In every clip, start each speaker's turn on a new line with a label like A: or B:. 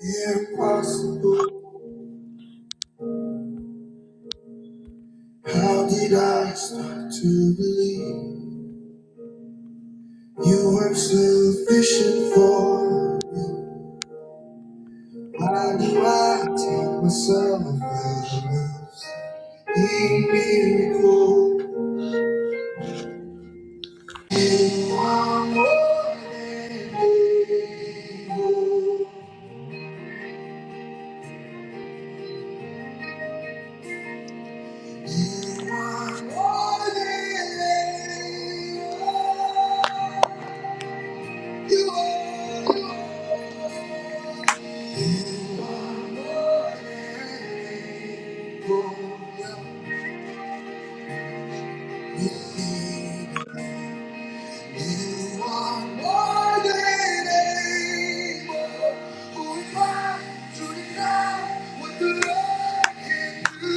A: Impossible. How did I start to believe you weren't sufficient for? Why do I take myself out of this? a miracle? You are more than able. You are more than able. You are more than able. You are more than Who I to deny what can do?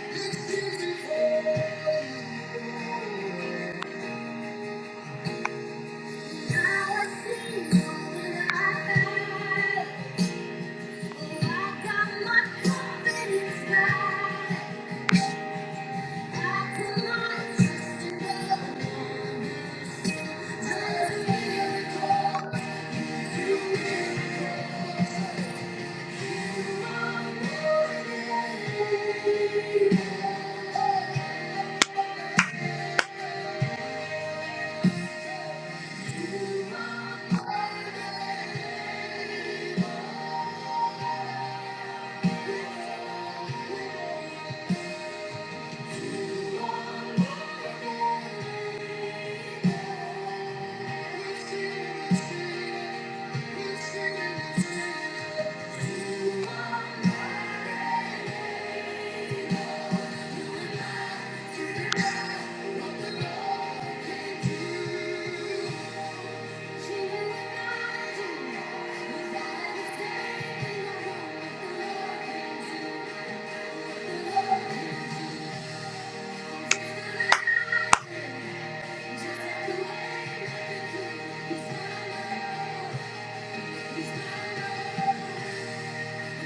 A: It's easy for you. Now I see that I got my confidence back. I put my trust in God. Turn miracles to miracles.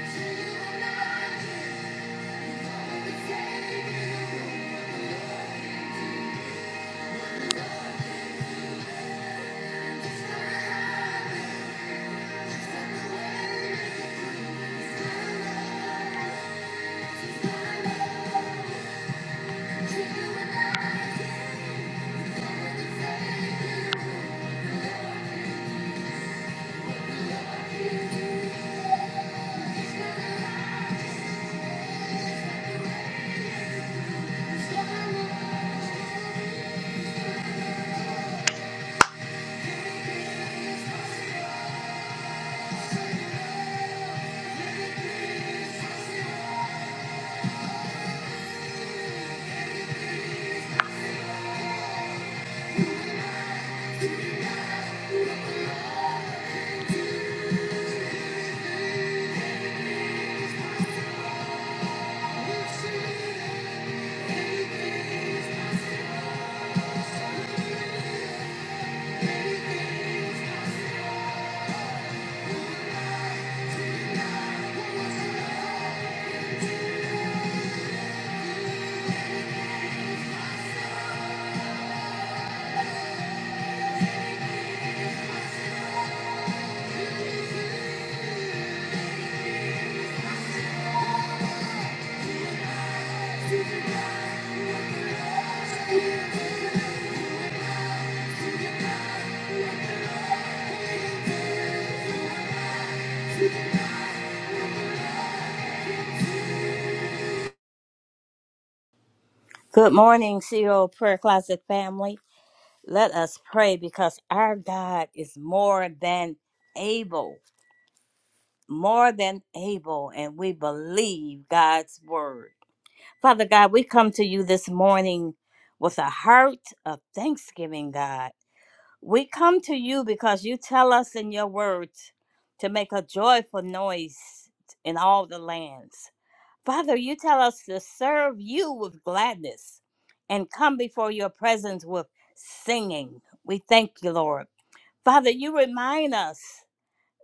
A: Thank you.
B: Good morning, CEO Prayer Closet family. Let us pray because our God is more than able, more than able, and we believe God's word. Father God, we come to you this morning with a heart of thanksgiving, God. We come to you because you tell us in your word to make a joyful noise in all the lands. Father, you tell us to serve you with gladness and come before your presence with singing. We thank you, Lord. Father, you remind us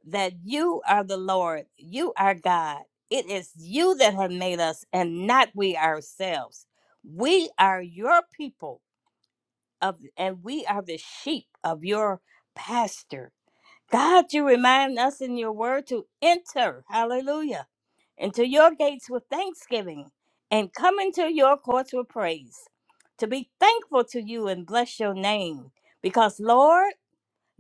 B: that you are the Lord, you are God. It is you that have made us and not we ourselves. We are your people of and we are the sheep of your pasture. God, you remind us in your word to enter, hallelujah, into your gates with thanksgiving and come into your courts with praise, to be thankful to you and bless your name. Because, Lord,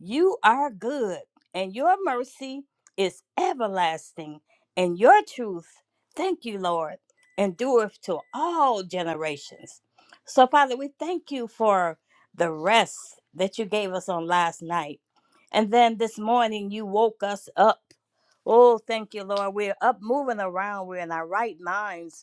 B: you are good, and your mercy is everlasting, and your truth, thank you, Lord, endureth to all generations. So, Father, we thank you for the rest that you gave us on last night. And then this morning, you woke us up. Oh, thank you, Lord. We're up moving around. We're in our right minds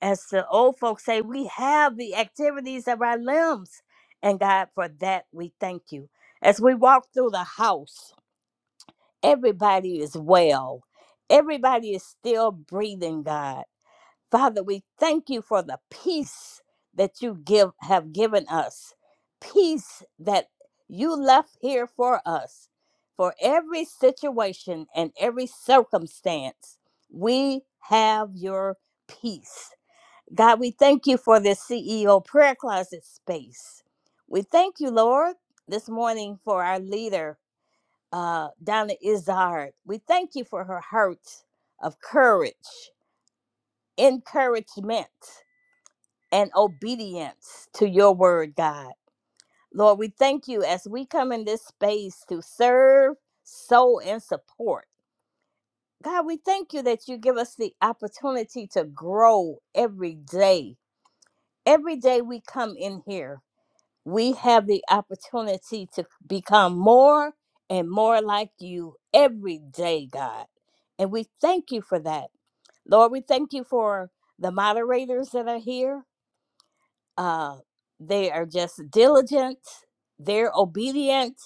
B: as the old folks say, we have the activities of our limbs. And God, for that, we thank you. As we walk through the house, everybody is well. Everybody is still breathing, God. Father, we thank you for the peace that you give have given us. Peace that you left here for us. For every situation and every circumstance, we have your peace. God, we thank you for this CEO prayer closet space. We thank you, Lord, this morning for our leader, uh, Donna Izard. We thank you for her heart of courage, encouragement, and obedience to your word, God. Lord, we thank you as we come in this space to serve, sow, and support. God, we thank you that you give us the opportunity to grow every day. Every day we come in here we have the opportunity to become more and more like you every day, God. And we thank you for that. Lord, we thank you for the moderators that are here. Uh, they are just diligent, they're obedient.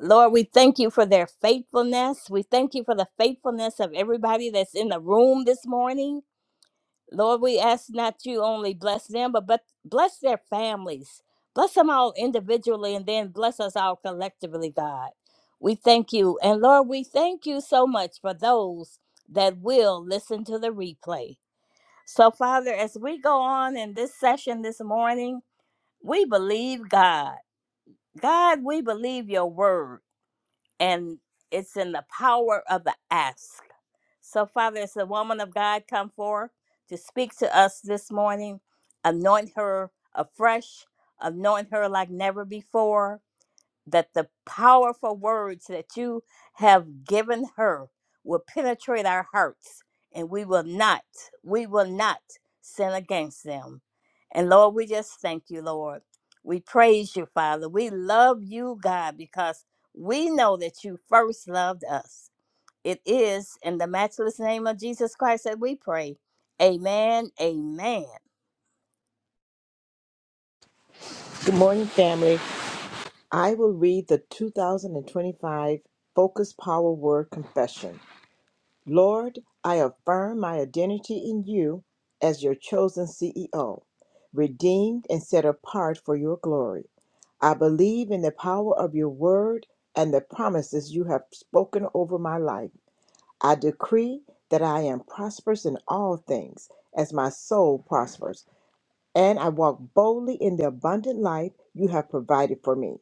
B: Lord, we thank you for their faithfulness. We thank you for the faithfulness of everybody that's in the room this morning. Lord, we ask not you only bless them, but, but bless their families. Bless them all individually and then bless us all collectively, God. We thank you. And Lord, we thank you so much for those that will listen to the replay. So, Father, as we go on in this session this morning, we believe God. God, we believe your word, and it's in the power of the ask. So, Father, as the woman of God come forth to speak to us this morning, anoint her afresh, anoint her like never before, that the powerful words that you have given her will penetrate our hearts, and we will not, we will not sin against them. And Lord, we just thank you, Lord. We praise you, Father. We love you, God, because we know that you first loved us. It is in the matchless name of Jesus Christ that we pray. Amen. Amen.
C: Good morning, family. I will read the 2025 Focus Power Word Confession. Lord, I affirm my identity in you as your chosen CEO, redeemed and set apart for your glory. I believe in the power of your word and the promises you have spoken over my life. I decree that I am prosperous in all things as my soul prospers and I walk boldly in the abundant life you have provided for me.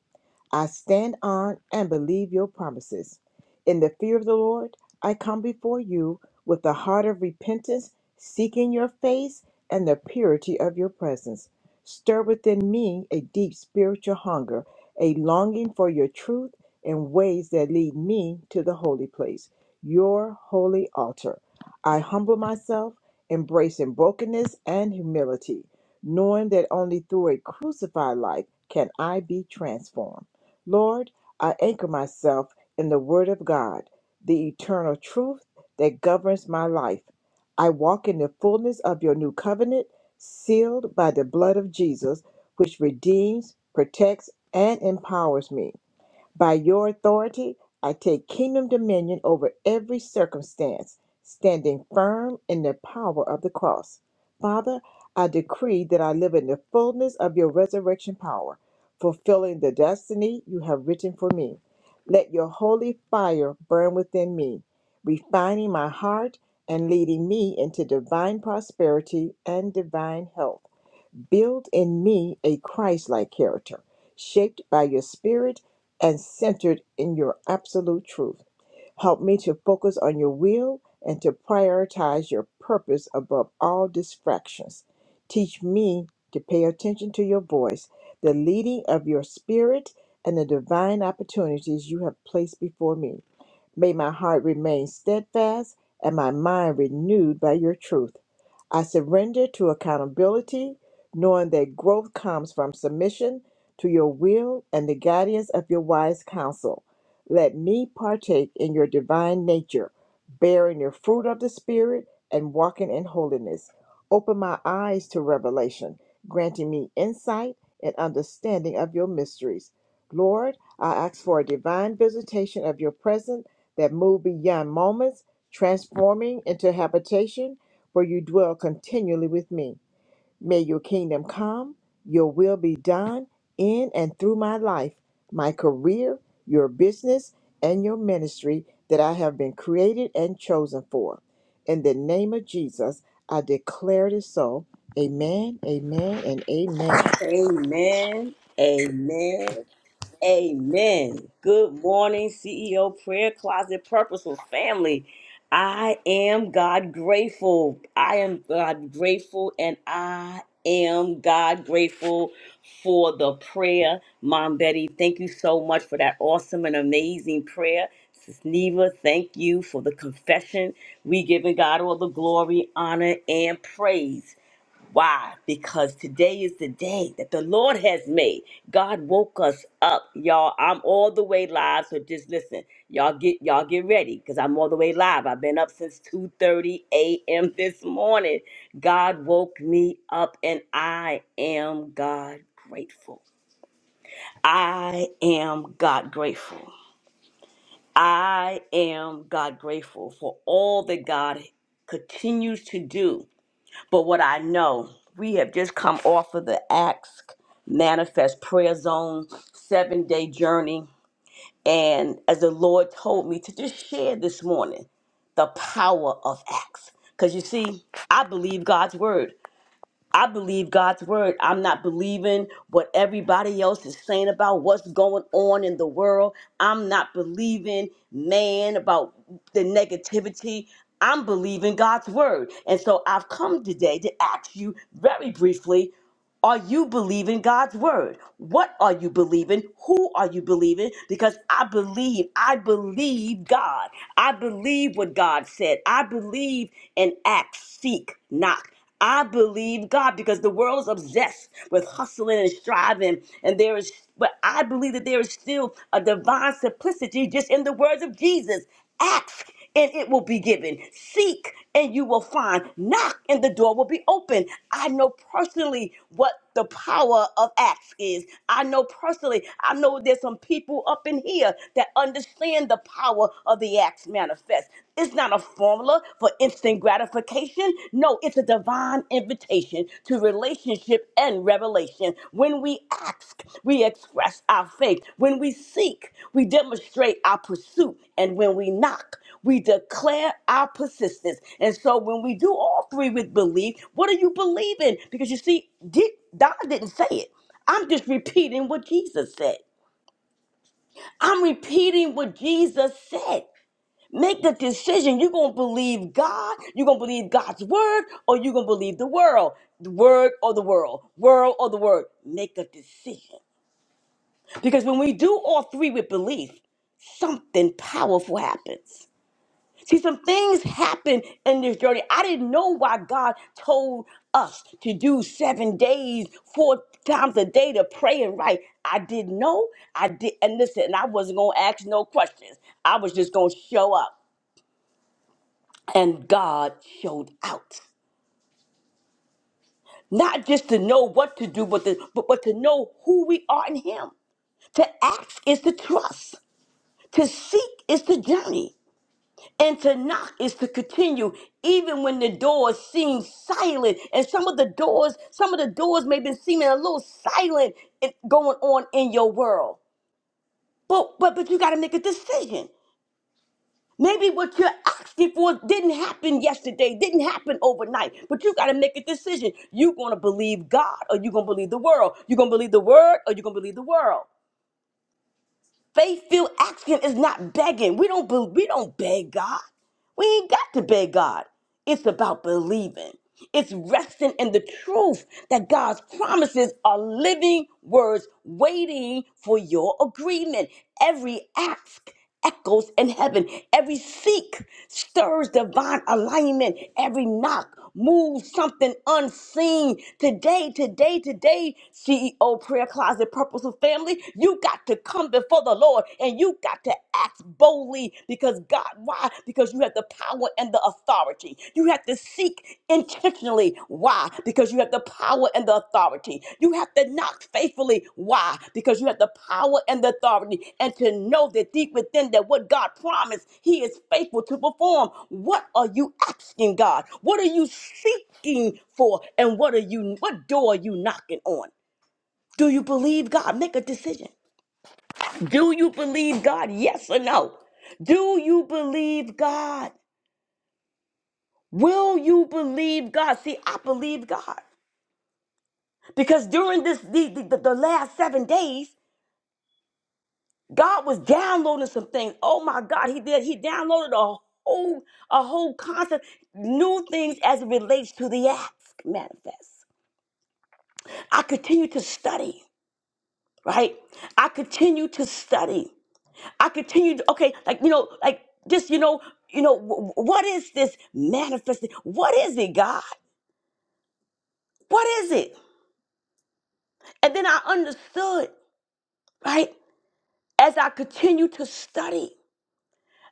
C: I stand on and believe your promises. In the fear of the Lord, I come before you with a heart of repentance, seeking your face and the purity of your presence. Stir within me a deep spiritual hunger, a longing for your truth and ways that lead me to the holy place, your holy altar. I humble myself, embracing brokenness and humility knowing that only through a crucified life can I be transformed. Lord, I anchor myself in the Word of God, the eternal truth that governs my life. I walk in the fullness of your new covenant, sealed by the blood of Jesus, which redeems, protects, and empowers me. By your authority, I take kingdom dominion over every circumstance, standing firm in the power of the cross. Father, I decree that I live in the fullness of your resurrection power, fulfilling the destiny you have written for me. Let your holy fire burn within me, refining my heart and leading me into divine prosperity and divine health. Build in me a Christ like character, shaped by your spirit and centered in your absolute truth. Help me to focus on your will and to prioritize your purpose above all distractions. Teach me to pay attention to your voice, the leading of your spirit, and the divine opportunities you have placed before me. May my heart remain steadfast and my mind renewed by your truth. I surrender to accountability, knowing that growth comes from submission to your will and the guidance of your wise counsel. Let me partake in your divine nature, bearing your fruit of the Spirit and walking in holiness. Open my eyes to revelation, granting me insight and understanding of your mysteries. Lord, I ask for a divine visitation of your presence that move beyond moments, transforming into habitation where you dwell continually with me. May your kingdom come, your will be done in and through my life, my career, your business, and your ministry that I have been created and chosen for. In the name of Jesus, I declare it is so. Amen, amen, and amen.
A: Amen. Amen. Amen. Good morning, CEO Prayer Closet Purposeful Family. I am God grateful. I am God grateful, and I am God grateful for the prayer. Mom Betty, thank you so much for that awesome and amazing prayer. Sis Neva, thank you for the confession. We giving God all the glory, honor, and praise. Why? Because today is the day that the Lord has made. God woke us up, y'all. I'm all the way live, so just listen. Y'all get y'all get ready because I'm all the way live. I've been up since 2:30 a.m. this morning. God woke me up, and I am God grateful. I am God grateful. I am God grateful for all that God continues to do. But what I know, we have just come off of the Ask Manifest Prayer Zone seven day journey. And as the Lord told me to just share this morning, the power of acts. Because you see, I believe God's word. I believe God's word. I'm not believing what everybody else is saying about what's going on in the world. I'm not believing man about the negativity. I'm believing God's word. And so I've come today to ask you very briefly are you believing God's word? What are you believing? Who are you believing? Because I believe, I believe God. I believe what God said. I believe and act, seek, knock. I believe God because the world is obsessed with hustling and striving, and there is, but I believe that there is still a divine simplicity just in the words of Jesus. Ask and it will be given. Seek and you will find. Knock and the door will be open. I know personally what the power of acts is. I know personally, I know there's some people up in here that understand the power of the acts manifest. It's not a formula for instant gratification. No, it's a divine invitation invitation to relationship and revelation. When we ask, we express our faith. When we seek, we demonstrate our pursuit. And when we knock, we declare our persistence. And so when we do all three with belief, what are you believing? Because you see, did, God didn't say it. I'm just repeating what Jesus said. I'm repeating what Jesus said. Make the decision. You're going to believe God, you're going to believe God's word, or you're going to believe the world. The word or the world. World or the word. Make a decision. Because when we do all three with belief, something powerful happens. See, some things happen in this journey. I didn't know why God told us to do seven days, four times a day to pray and write. I didn't know. I did, and listen, and I wasn't gonna ask no questions. I was just gonna show up. and God showed out. Not just to know what to do, but, to, but, but to know who we are in Him. To ask is to trust, to seek is to journey, and to knock is to continue, even when the doors seem silent. And some of the doors, some of the doors may be seeming a little silent in- going on in your world. But but but you got to make a decision. Maybe what you're asking for didn't happen yesterday, didn't happen overnight, but you got to make a decision. You're going to believe God or you're going to believe the world. You're going to believe the word or you're going to believe the world. Faith filled asking is not begging. We don't, be, we don't beg God. We ain't got to beg God. It's about believing. It's resting in the truth that God's promises are living words waiting for your agreement. Every ask echoes in heaven. Every seek stirs divine alignment. Every knock moves something unseen. Today, today, today, CEO Prayer Closet Purposeful Family, you got to come before the Lord. Lord. And you got to act boldly because God, why? Because you have the power and the authority. You have to seek intentionally. Why? Because you have the power and the authority. You have to knock faithfully. Why? Because you have the power and the authority. And to know that deep within that what God promised, He is faithful to perform. What are you asking God? What are you seeking for? And what are you what door are you knocking on? Do you believe God? Make a decision. Do you believe God? Yes or no? Do you believe God? Will you believe God? See, I believe God because during this the, the, the last seven days, God was downloading some things. Oh my God, He did. He downloaded a whole a whole concept, new things as it relates to the ask manifest. I continue to study. Right? I continue to study. I continued, okay, like, you know, like just, you know, you know, wh- what is this manifesting? What is it, God? What is it? And then I understood, right? As I continued to study.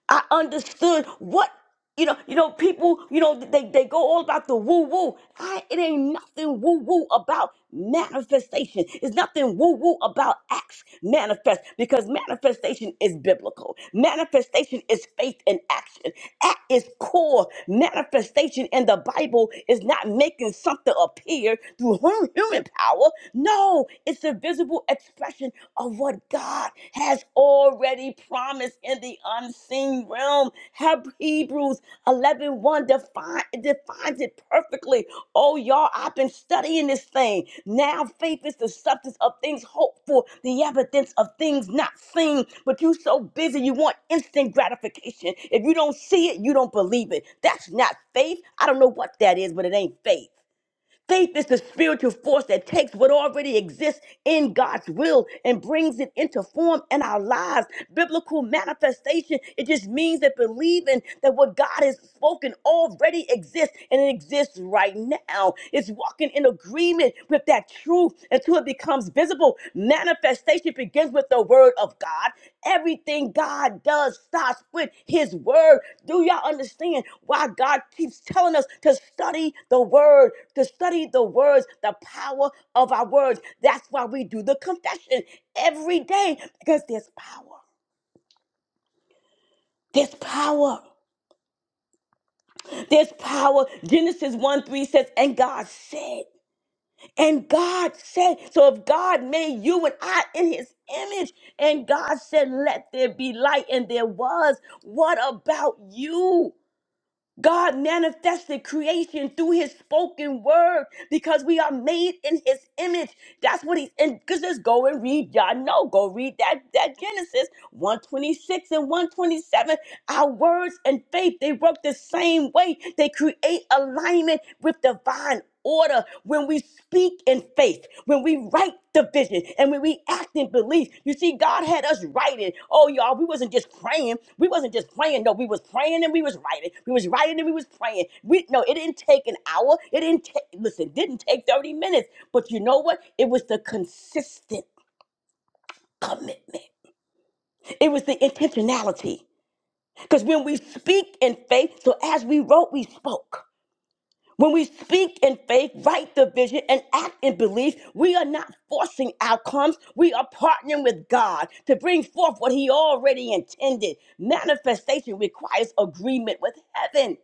A: I understood what you know. You know, people. You know, they they go all about the woo woo. I it ain't nothing woo woo about manifestation. It's nothing woo woo about acts manifest because manifestation is biblical. Manifestation is faith in action. At its core, manifestation in the Bible is not making something appear through hum- human power. No, it's a visible expression of what God has already promised in the unseen realm. Heb- Hebrews 11 define, defines it perfectly. Oh, y'all, I've been studying this thing. Now, faith is the substance of things hoped for, the evidence of things not seen. But you so busy, you want instant gratification. If you don't see it, you don't believe it. That's not faith. I don't know what that is, but it ain't faith. Faith is the spiritual force that takes what already exists in God's will and brings it into form in our lives. Biblical manifestation, it just means that believing that what God has spoken already exists and it exists right now. It's walking in agreement with that truth until it becomes visible visible manifestation begins with the word of God. Everything God does starts with his word. Do y'all understand why God keeps telling us to study the word, to study the words, the power of our words? That's why we do the confession every day because there's power. There's power. There's power. Genesis 1 3 says, And God said. And God said, so if God made you and I in his image, and God said, let there be light, and there was, what about you? God manifested creation through his spoken word because we are made in his image. That's what he's and because just go and read y'all know. Go read that, that Genesis 126 and 127. Our words and faith, they work the same way. They create alignment with divine order when we speak in faith, when we write the vision, and when we act in belief. You see, God had us writing. Oh, y'all, we wasn't just praying. We wasn't just praying. No, we was praying and we was writing. We was writing and we was praying. We no, it didn't take an hour. It didn't take listen, didn't take 30 minutes. But you know what? It was the consistent commitment. It was the intentionality. Because when we speak in faith, so as we wrote, we spoke. When we speak in faith, write the vision, and act in belief, we are not forcing outcomes. We are partnering with God to bring forth what He already intended. Manifestation requires agreement with heaven.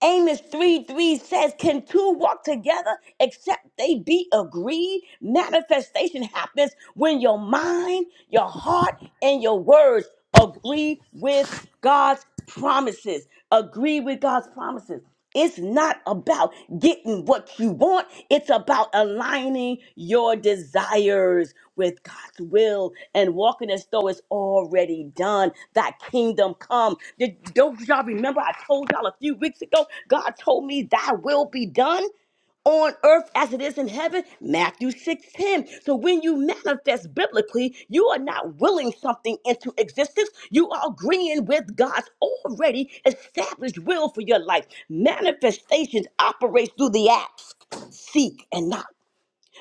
A: Amos 3 3 says, Can two walk together except they be agreed? Manifestation happens when your mind, your heart, and your words agree with God's promises. Agree with God's promises. It's not about getting what you want. It's about aligning your desires with God's will and walking as though it's already done. That kingdom come. Did, don't y'all remember I told y'all a few weeks ago, God told me thy will be done? on earth as it is in heaven matthew 6 10. so when you manifest biblically you are not willing something into existence you are agreeing with god's already established will for your life manifestations operates through the acts seek and not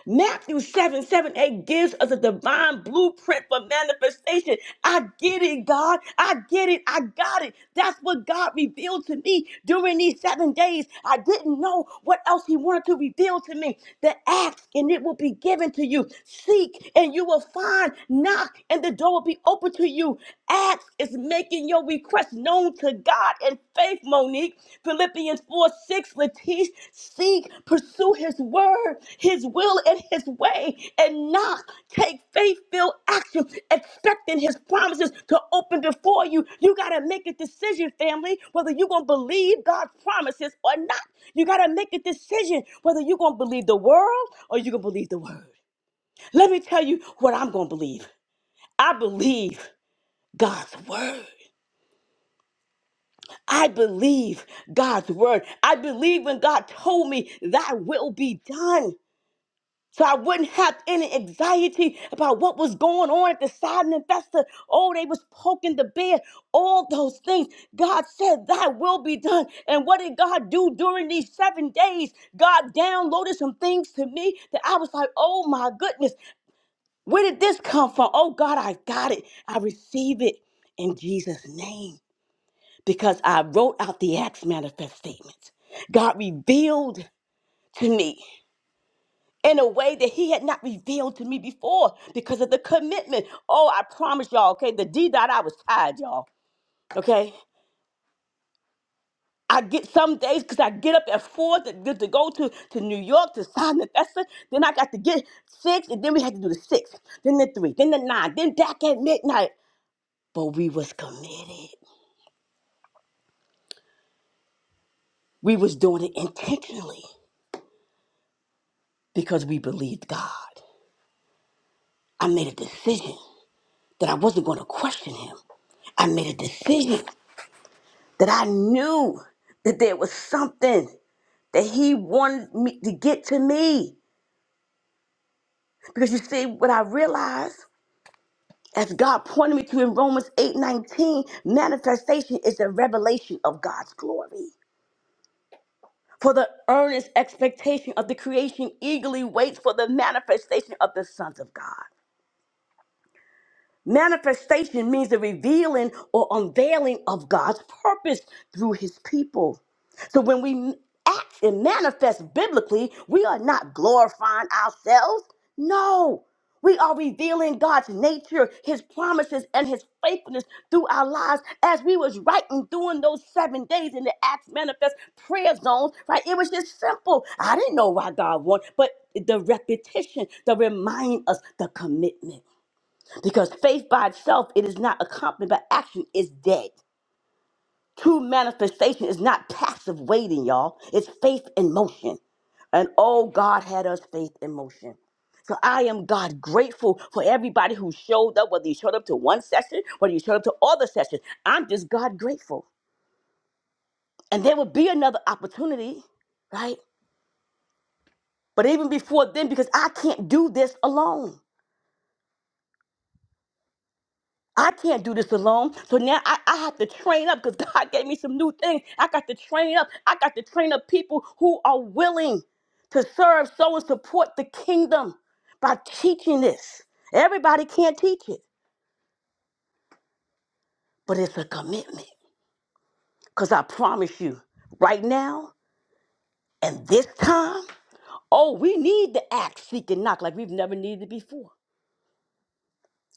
A: Matthew 7 7 8 gives us a divine blueprint for manifestation. I get it, God. I get it. I got it. That's what God revealed to me during these seven days. I didn't know what else He wanted to reveal to me. The ask and it will be given to you. Seek and you will find. Knock and the door will be open to you. Ask is making your request known to God in faith, Monique. Philippians 4 6, Latish, seek, pursue his word, his will, and his way, and not take faith filled action, expecting his promises to open before you. You got to make a decision, family, whether you're going to believe God's promises or not. You got to make a decision whether you're going to believe the world or you're going to believe the word. Let me tell you what I'm going to believe. I believe God's word. I believe God's word. I believe when God told me thy will be done. So I wouldn't have any anxiety about what was going on at the Sidon and Festa. Oh, they was poking the bear. All those things. God said, thy will be done. And what did God do during these seven days? God downloaded some things to me that I was like, oh my goodness, where did this come from? Oh God, I got it. I receive it in Jesus' name because I wrote out the Acts manifest statements. God revealed to me in a way that He had not revealed to me before because of the commitment. Oh, I promise y'all, okay, the D dot I was tired, y'all, okay? I get some days because I get up at four to, to, to go to, to New York to sign the vessel. Then I got to get six, and then we had to do the six, then the three, then the nine, then back at midnight. But we was committed. We was doing it intentionally because we believed God. I made a decision that I wasn't going to question him. I made a decision that I knew that there was something that he wanted me to get to me. Because you see, what I realized as God pointed me to in Romans 8 19, manifestation is the revelation of God's glory. For the earnest expectation of the creation eagerly waits for the manifestation of the sons of God. Manifestation means the revealing or unveiling of God's purpose through his people. So when we act and manifest biblically, we are not glorifying ourselves. No, we are revealing God's nature, his promises, and his faithfulness through our lives as we was writing during those seven days in the Acts manifest prayer zones, right? It was just simple. I didn't know why God wanted, but the repetition, the reminding us, the commitment. Because faith by itself, it is not accompanied by action, is dead. True manifestation is not passive waiting, y'all. It's faith in motion. And oh, God had us faith in motion. So I am God grateful for everybody who showed up, whether you showed up to one session, whether you showed up to all the sessions. I'm just God grateful. And there will be another opportunity, right? But even before then, because I can't do this alone. I can't do this alone. So now I, I have to train up because God gave me some new things. I got to train up. I got to train up people who are willing to serve, so and support the kingdom by teaching this. Everybody can't teach it, but it's a commitment. Because I promise you, right now and this time, oh, we need the act, seek, and knock like we've never needed it before.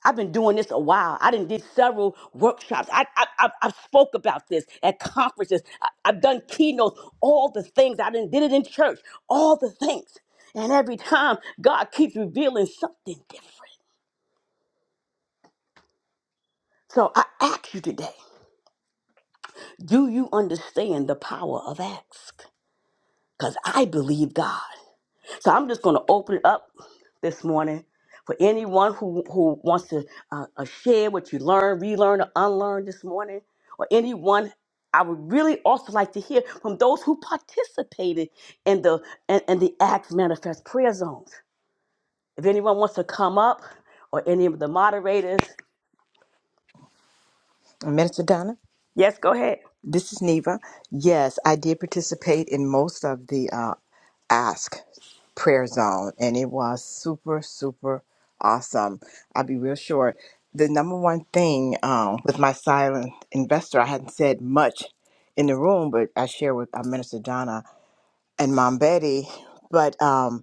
A: I've been doing this a while. I done did several workshops. I, I, I, I've spoke about this at conferences. I, I've done keynotes, all the things. I done did it in church, all the things. And every time, God keeps revealing something different. So I ask you today, do you understand the power of ask? Because I believe God. So I'm just going to open it up this morning for anyone who, who wants to uh, uh, share what you learned, relearn, or unlearn this morning, or anyone. I would really also like to hear from those who participated in the in, in the Acts Manifest Prayer Zones. If anyone wants to come up, or any of the moderators,
C: Minister Donna?
A: yes, go ahead.
C: This is Neva. Yes, I did participate in most of the uh, Ask Prayer Zone, and it was super, super awesome. I'll be real short. The number one thing um, with my silent investor, I hadn't said much in the room, but I shared with uh, Minister Donna and Mom Betty. But um,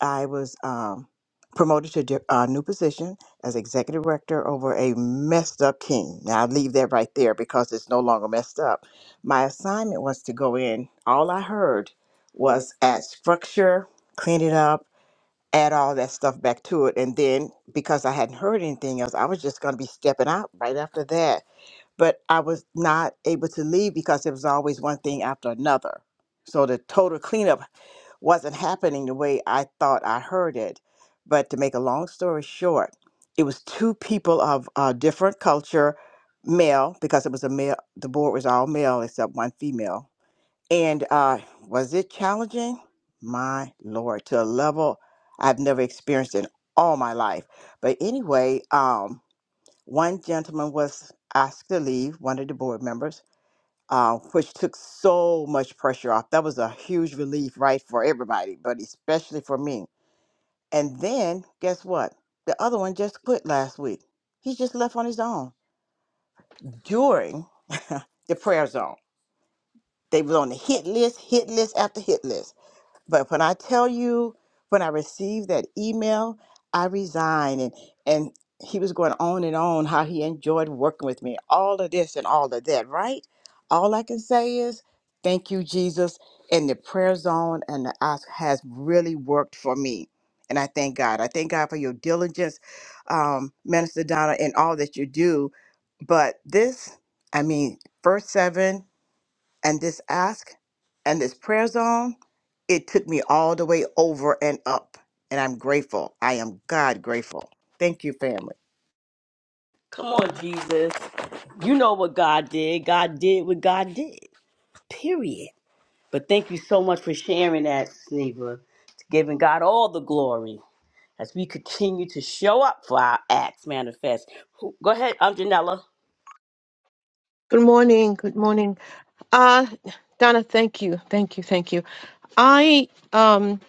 C: I was um, promoted to di- a new position as executive director over a messed up team. Now, I leave that right there because it's no longer messed up. My assignment was to go in. All I heard was add structure, clean it up, add all that stuff back to it. And then because I hadn't heard anything else, I was just going to be stepping out right after that. But I was not able to leave because there was always one thing after another. So the total cleanup wasn't happening the way I thought I heard it. But to make a long story short, it was two people of uh, different culture, male, because it was a male, the board was all male except one female. And uh, was it challenging? My Lord, to a level I've never experienced in all my life. But anyway, um, one gentleman was asked to leave, one of the board members uh, which took so much pressure off. That was a huge relief, right, for everybody, but especially for me. And then guess what? The other one just quit last week. He just left on his own during the prayer zone. They was on the hit list, hit list after hit list. But when I tell you, when I received that email, I resigned. And, and he was going on and on how he enjoyed working with me, all of this and all of that, right? All I can say is, thank you, Jesus. And the prayer zone and the ask has really worked for me. And I thank God. I thank God for your diligence, um, Minister Donna, and all that you do. But this, I mean, first seven and this ask and this prayer zone, it took me all the way over and up. And I'm grateful. I am God grateful. Thank you, family.
A: Come on, Jesus. You know what God did. God did what God did. Period. But thank you so much for sharing that, Sneva, giving God all the glory as we continue to show up for our acts manifest. Go ahead, um, Janella.
D: Good morning. Good morning. Uh, Donna, thank you. Thank you. Thank you. I, um,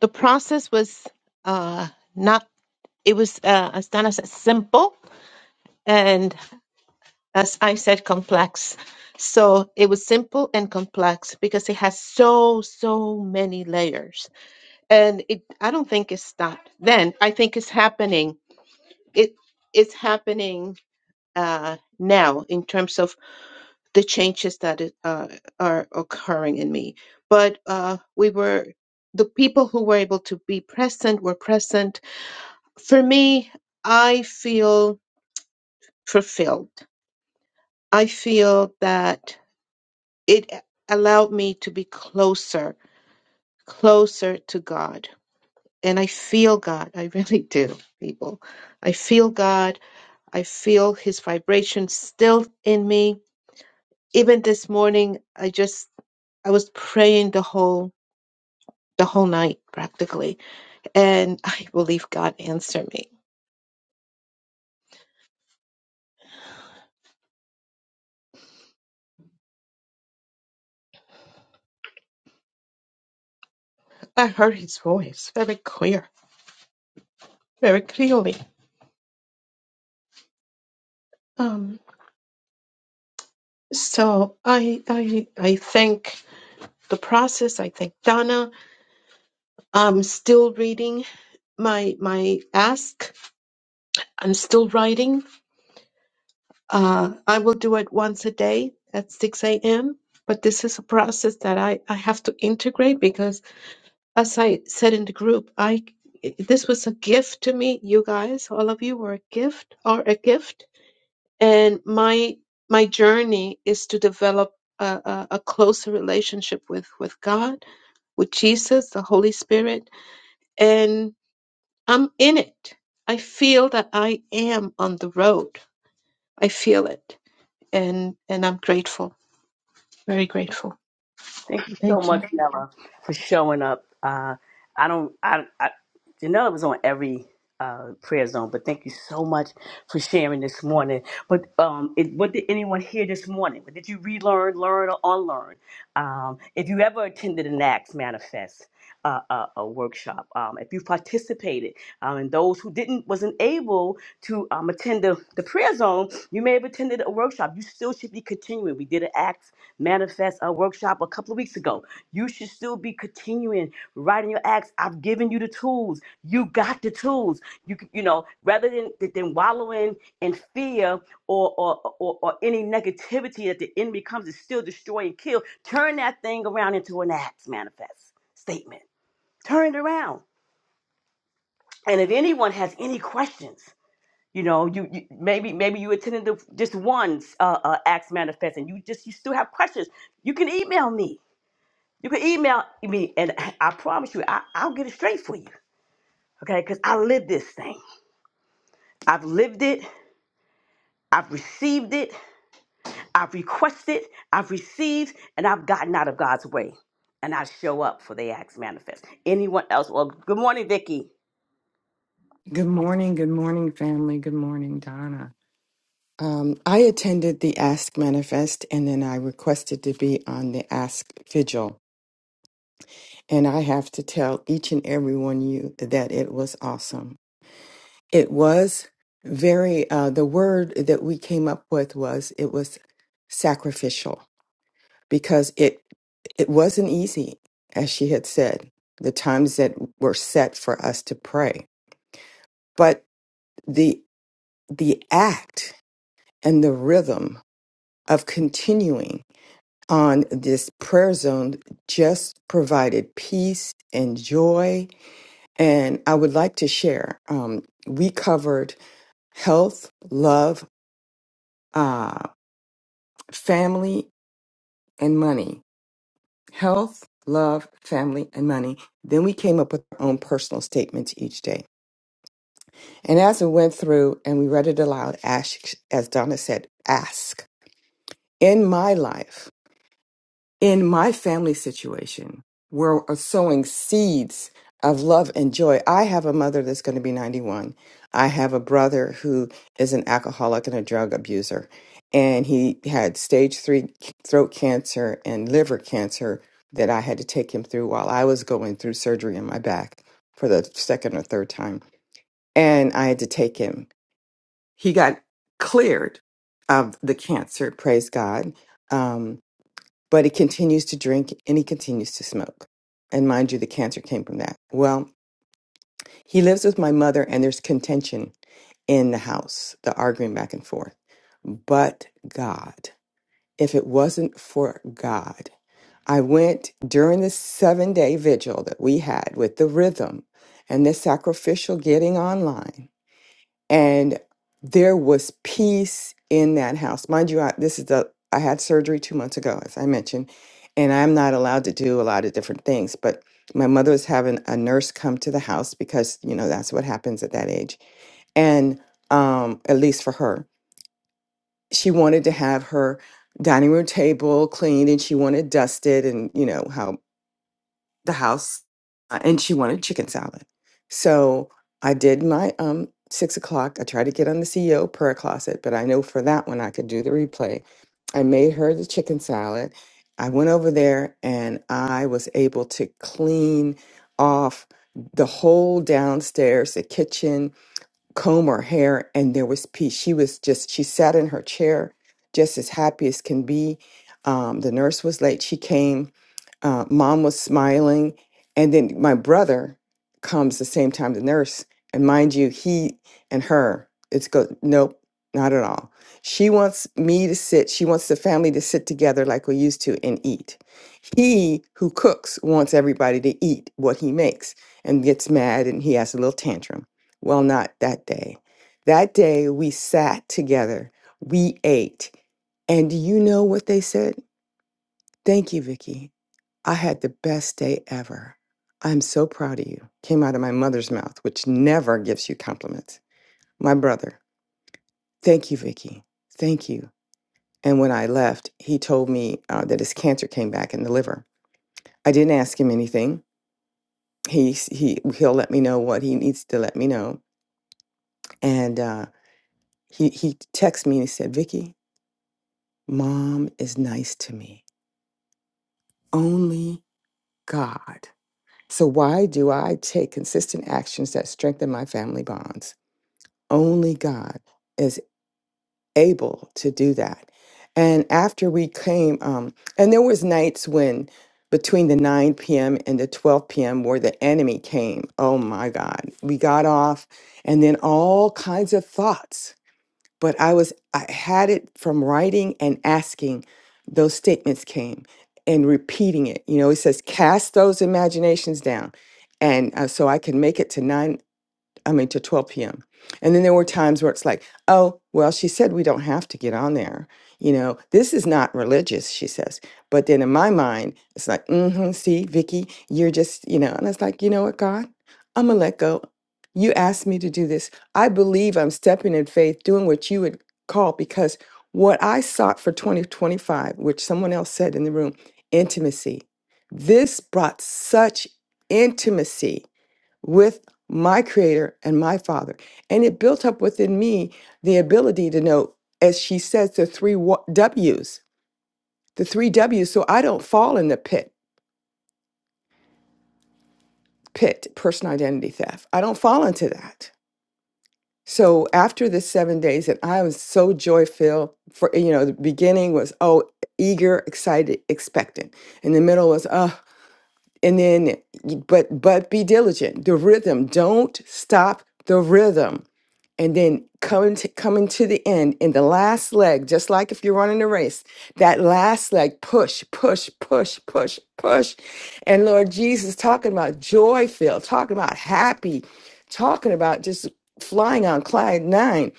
D: the process was, uh, not, it was, uh, as Donna said, simple. And as I said, complex. So it was simple and complex because it has so, so many layers. And it, I don't think it stopped then. I think it's happening. It, it's happening, uh, now in terms of the changes that is, uh, are occurring in me. But uh, we were the people who were able to be present were present. For me, I feel fulfilled. I feel that it allowed me to be closer, closer to God. And I feel God. I really do, people. I feel God. I feel His vibration still in me. Even this morning, I just I was praying the whole the whole night practically. And I believe God answered me. I heard his voice very clear, very clearly. Um, so I, I, I thank the process. I thank Donna. I'm still reading my, my ask. I'm still writing. Uh, I will do it once a day at 6 a.m. But this is a process that I, I have to integrate because. As I said in the group, I this was a gift to me. You guys, all of you were a gift, are a gift, and my my journey is to develop a, a, a closer relationship with with God, with Jesus, the Holy Spirit, and I'm in it. I feel that I am on the road. I feel it, and and I'm grateful, very grateful.
A: Thank you so
D: Thank you.
A: much, Nella, for showing up. Uh, I don't, I, I, Janella was on every uh, prayer zone, but thank you so much for sharing this morning. But um, it, what did anyone hear this morning? What did you relearn, learn, or unlearn? Um, if you ever attended an Acts Manifest uh, uh, a workshop, um, if you participated, um, and those who didn't wasn't able to um, attend the, the prayer zone, you may have attended a workshop. You still should be continuing. We did an Acts Manifest a workshop a couple of weeks ago. You should still be continuing writing your acts. I've given you the tools. You got the tools. You c- you know rather than than wallowing in fear or or or, or any negativity that the enemy comes to still destroy and kill. Turn that thing around into an acts manifest statement. Turn it around. And if anyone has any questions, you know, you, you maybe maybe you attended the, just one uh, uh, acts manifest, and you just you still have questions. You can email me you can email me, and I promise you, I, I'll get it straight for you. Okay, because I live this thing. I've lived it, I've received it, I've requested, I've received, and I've gotten out of God's way. And I show up for the acts manifest. Anyone else? Well, good morning, Vicky.
E: Good morning, good morning, family. Good morning, Donna. Um, I attended the Ask Manifest and then I requested to be on the Ask Vigil. And I have to tell each and every one of you that it was awesome. It was very, uh, the word that we came up with was it was sacrificial because it it wasn't easy, as she had said, the times that were set for us to pray. But the the act and the rhythm of continuing on this prayer zone just provided peace and joy. And I would like to share um, we covered health, love, uh, family, and money. Health, love, family, and money. Then we came up with our own personal statements each day. And as we went through and we read it aloud, ask, as Donna said, ask. In my life, in my family situation, we're sowing seeds of love and joy. I have a mother that's going to be 91. I have a brother who is an alcoholic and a drug abuser. And he had stage three throat cancer and liver cancer that I had to take him through while I was going through surgery in my back for the second or third time. And I had to take him. He got cleared of the cancer, praise God. Um, but he continues to drink and he continues to smoke. And mind you, the cancer came from that. Well, he lives with my mother, and there's contention in the house, the arguing back and forth. But God, if it wasn't for God, I went during the seven day vigil that we had with the rhythm and the sacrificial getting online and there was peace in that house. Mind you, I, this is the I had surgery two months ago, as I mentioned, and I'm not allowed to do a lot of different things. But my mother was having a nurse come to the house because you know that's what happens at that age, and um, at least for her, she wanted to have her dining room table cleaned and she wanted dusted, and you know how the house uh, and she wanted chicken salad. So I did my um six o'clock. I tried to get on the CEO prayer closet, but I know for that one I could do the replay. I made her the chicken salad. I went over there and I was able to clean off the whole downstairs, the kitchen, comb her hair, and there was peace. She was just, she sat in her chair just as happy as can be. Um, the nurse was late. She came uh, mom was smiling and then my brother comes the same time the nurse and mind you he and her it's go nope not at all she wants me to sit she wants the family to sit together like we used to and eat he who cooks wants everybody to eat what he makes and gets mad and he has a little tantrum well not that day that day we sat together we ate and do you know what they said thank you vicky I had the best day ever. I'm so proud of you. Came out of my mother's mouth, which never gives you compliments. My brother, thank you, Vicky. Thank you. And when I left, he told me uh, that his cancer came back in the liver. I didn't ask him anything. He he he'll let me know what he needs to let me know. And uh, he he texted me and he said, Vicky, mom is nice to me. Only God. So why do I take consistent actions that strengthen my family bonds? Only God is able to do that. And after we came, um, and there was nights when between the 9 p.m. and the 12 p.m. where the enemy came. Oh my God. We got off and then all kinds of thoughts. But I was I had it from writing and asking those statements came and repeating it. You know, it says cast those imaginations down. And uh, so I can make it to 9 I mean, to 12 p.m. And then there were times where it's like, oh, well, she said we don't have to get on there. You know, this is not religious, she says. But then in my mind, it's like, mm-hmm, see, Vicky, you're just, you know, and it's like, you know what, God, I'm gonna let go. You asked me to do this. I believe I'm stepping in faith, doing what you would call because what I sought for 2025, which someone else said in the room, intimacy. This brought such intimacy with my creator and my father. And it built up within me the ability to know, as she says, the three wa- W's, the three W's. So I don't fall in the pit, pit, personal identity theft. I don't fall into that. So after the seven days, and I was so joy filled for, you know, the beginning was, oh, eager, excited, expectant. In the middle was, uh, and then, but, but be diligent. The rhythm, don't stop the rhythm and then coming to coming to the end in the last leg just like if you're running a race that last leg push push push push push and lord jesus talking about joy filled talking about happy talking about just flying on cloud nine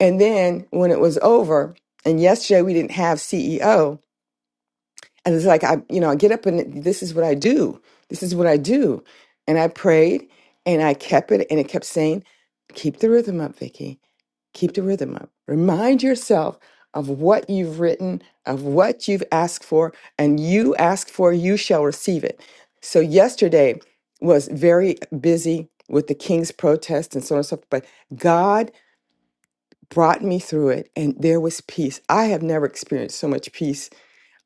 E: and then when it was over and yesterday we didn't have ceo and it's like i you know i get up and this is what i do this is what i do and i prayed and i kept it and it kept saying keep the rhythm up vicky Keep the rhythm up. Remind yourself of what you've written, of what you've asked for, and you ask for, you shall receive it. So, yesterday was very busy with the king's protest and so on and so forth, but God brought me through it and there was peace. I have never experienced so much peace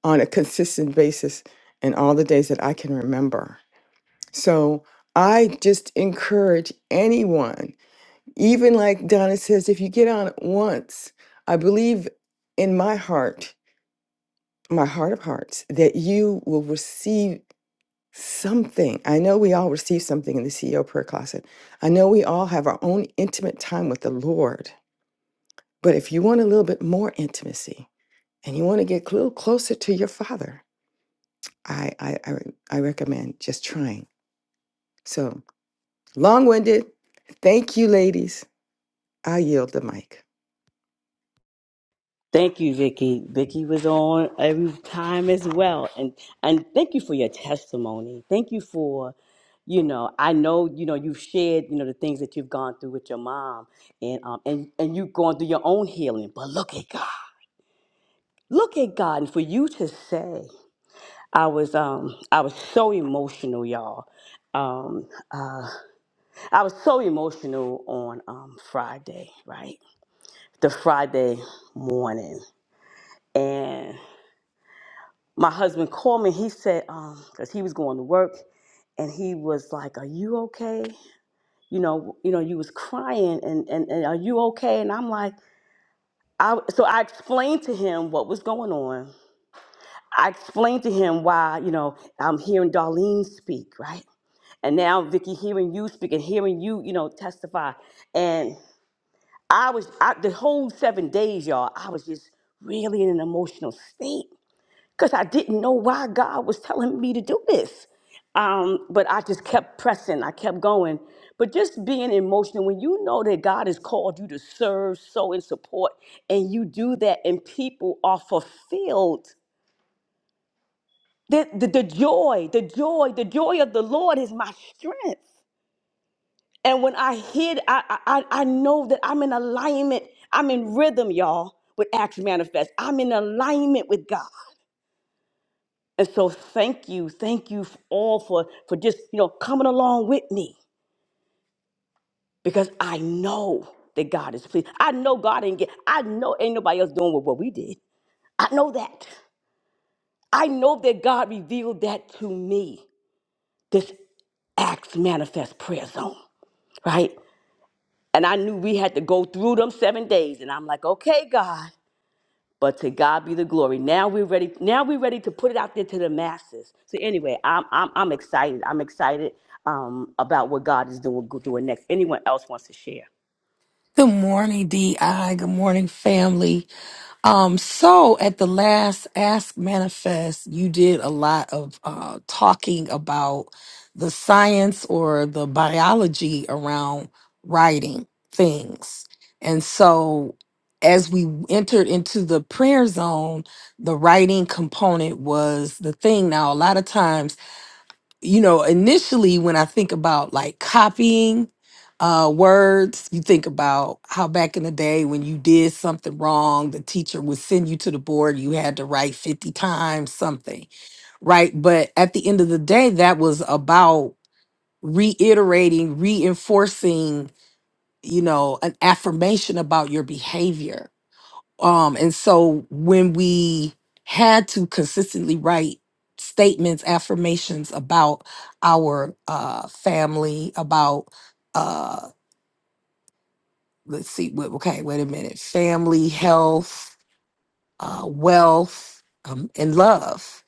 E: on a consistent basis in all the days that I can remember. So, I just encourage anyone. Even like Donna says, if you get on it once, I believe in my heart, my heart of hearts, that you will receive something. I know we all receive something in the CEO prayer closet. I know we all have our own intimate time with the Lord. But if you want a little bit more intimacy and you want to get a little closer to your Father, I, I, I, I recommend just trying. So long winded. Thank you, ladies. I yield the mic.
A: Thank you, Vicky. Vicky was on every time as well, and and thank you for your testimony. Thank you for, you know, I know you know you've shared you know the things that you've gone through with your mom, and um and and you've gone through your own healing. But look at God, look at God, and for you to say, I was um I was so emotional, y'all. Um, uh, I was so emotional on um Friday, right? The Friday morning, and. my husband called me. He said, um, because he was going to work, and he was like, "Are you okay? You know, you know, you was crying, and and, and are you okay?" And I'm like, I so I explained to him what was going on. I explained to him why, you know, I'm hearing Darlene speak, right? And now Vicky, hearing you speak and hearing you, you know, testify, and I was I, the whole seven days, y'all. I was just really in an emotional state because I didn't know why God was telling me to do this. Um, but I just kept pressing, I kept going. But just being emotional, when you know that God has called you to serve, sow, and support, and you do that, and people are fulfilled, the, the, the joy, the joy, the joy of the Lord is my strength. And when I hear, I, I, I I know that I'm in alignment, I'm in rhythm, y'all, with Acts Manifest. I'm in alignment with God. And so thank you, thank you all for for just, you know, coming along with me because I know that God is pleased. I know God ain't get I know ain't nobody else doing what, what we did. I know that. I know that God revealed that to me. This Acts Manifest Prayer Zone, right? And I knew we had to go through them seven days. And I'm like, okay, God. But to God be the glory. Now we're ready. Now we're ready to put it out there to the masses. So anyway, I'm I'm, I'm excited. I'm excited um, about what God is doing doing next. Anyone else wants to share?
F: Good morning, DI. Good morning, family. Um, so at the last Ask Manifest, you did a lot of uh, talking about the science or the biology around writing things. And so as we entered into the prayer zone, the writing component was the thing. Now, a lot of times, you know, initially when I think about like copying uh, words, you think about how back in the day when you did something wrong, the teacher would send you to the board, you had to write 50 times something, right? But at the end of the day, that was about reiterating, reinforcing, you know, an affirmation about your behavior um, and so when we had to consistently write statements, affirmations about our uh, family, about uh, let's see, wait, okay, wait a minute, family, health, uh, wealth, um, and love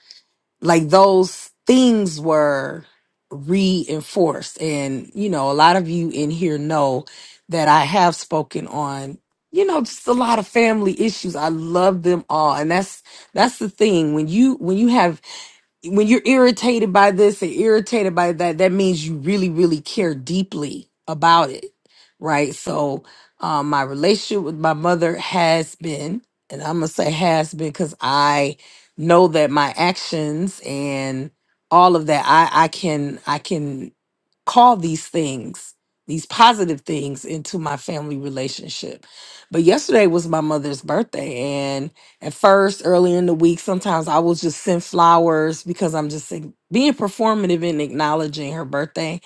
F: like those things were reinforced and you know a lot of you in here know that i have spoken on you know just a lot of family issues i love them all and that's that's the thing when you when you have when you're irritated by this and irritated by that, that means you really, really care deeply about it, right? So, um, my relationship with my mother has been, and I'm gonna say has been because I know that my actions and all of that, I, I can, I can call these things, these positive things into my family relationship. But yesterday was my mother's birthday at first early in the week sometimes i will just send flowers because i'm just like, being performative and acknowledging her birthday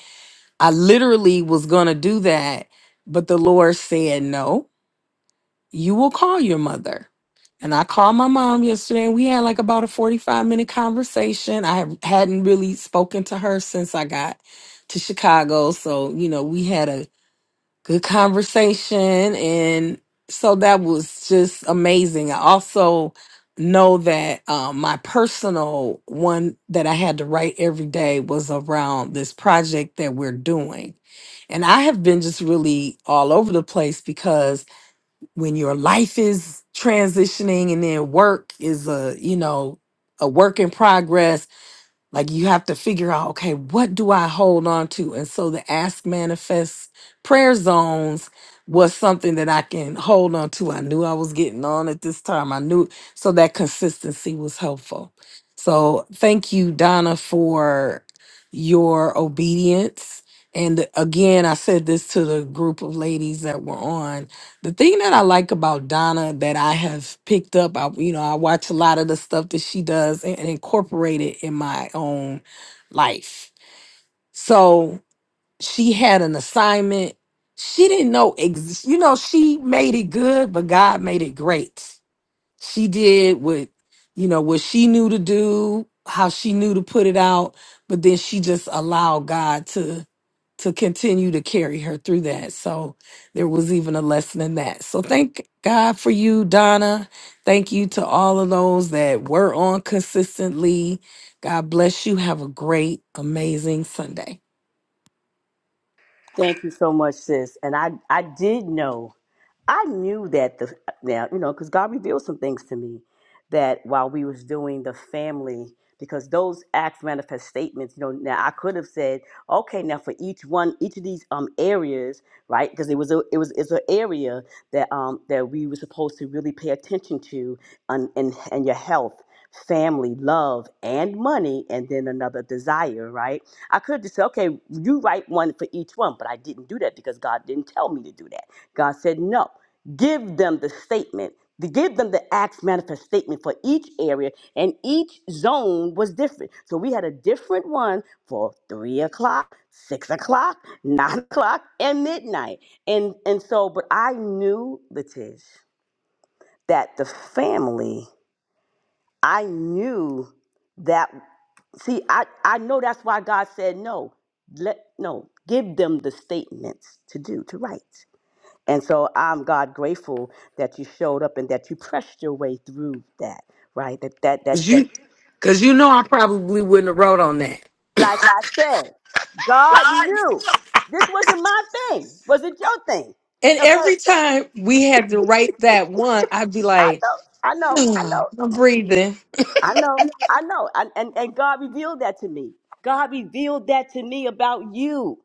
F: i literally was gonna do that but the lord said no you will call your mother and i called my mom yesterday and we had like about a 45 minute conversation i have- hadn't really spoken to her since i got to chicago so you know we had a good conversation and so that was just amazing i also know that um, my personal one that i had to write every day was around this project that we're doing and i have been just really all over the place because when your life is transitioning and then work is a you know a work in progress like you have to figure out, okay, what do I hold on to? And so the ask manifest prayer zones was something that I can hold on to. I knew I was getting on at this time. I knew so that consistency was helpful. So thank you, Donna, for your obedience. And again, I said this to the group of ladies that were on. The thing that I like about Donna that I have picked up, I, you know, I watch a lot of the stuff that she does and, and incorporate it in my own life. So she had an assignment. She didn't know, ex- you know, she made it good, but God made it great she did what you know what she knew to do how she knew to put it out but then she just allowed god to to continue to carry her through that so there was even a lesson in that so thank god for you donna thank you to all of those that were on consistently god bless you have a great amazing sunday
A: Thank you so much, sis. And I, I did know, I knew that the now you know because God revealed some things to me that while we was doing the family because those acts manifest statements you know now I could have said okay now for each one each of these um areas right because it was a it was it's an area that um that we were supposed to really pay attention to and and, and your health family love and money and then another desire right I could have just said, okay, you write one for each one, but I didn't do that because God didn't tell me to do that. God said, no, give them the statement, to give them the acts manifest statement for each area, and each zone was different. So we had a different one for three o'clock, six o'clock, nine o'clock, and midnight. And and so, but I knew, Letish, that the family, I knew that. See, I, I know that's why God said no. Let no, give them the statements to do, to write. And so I'm God grateful that you showed up and that you pressed your way through that, right? That that
F: because
A: that that
F: you because you know i probably wouldn't have wrote on that
A: like I said, God knew this wasn't my thing. Was it your thing?
F: and
A: Okay.
F: every time we had to write that one i'd be
A: I
F: like
A: know, I know, I know,
F: Yeah, I'm breathing.
A: I know, I know. And and, and God revealed that to me. God revealed that to me about you.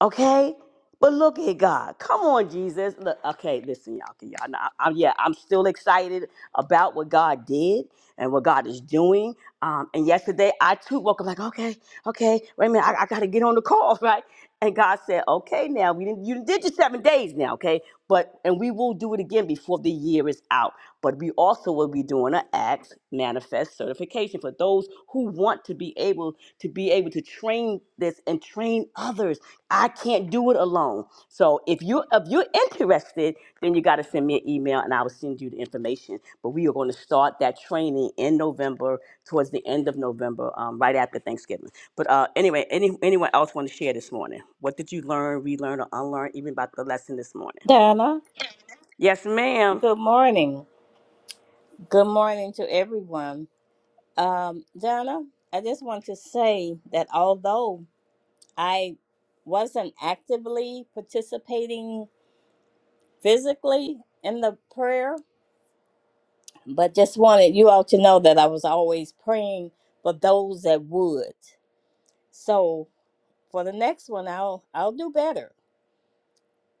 A: Okay? But look at God. Come on, Jesus. Look, okay, listen, y'all. Can y'all know, I'm, yeah, I'm still excited about what God did and what God is doing. Um, and yesterday, I too woke up like, okay, okay, wait a minute, I, I got to get on the call, right? And God said, okay, now we didn't, you did your seven days now, okay? But and we will do it again before the year is out. But we also will be doing an Acts manifest certification for those who want to be able to be able to train this and train others I can't do it alone. So if you if you're interested, then you got to send me an email and I will send you the information. But we are going to start that training in November, towards the end of November, um, right after Thanksgiving. But uh, anyway, any anyone else want to share this morning? What did you learn, relearn, or unlearn, even about the lesson this morning?
B: Donna,
A: Yes, ma'am.
B: good morning. Good morning to everyone. Um, Donna, I just want to say that although I wasn't actively participating physically in the prayer, but just wanted you all to know that I was always praying for those that would. So for the next one I'll I'll do better.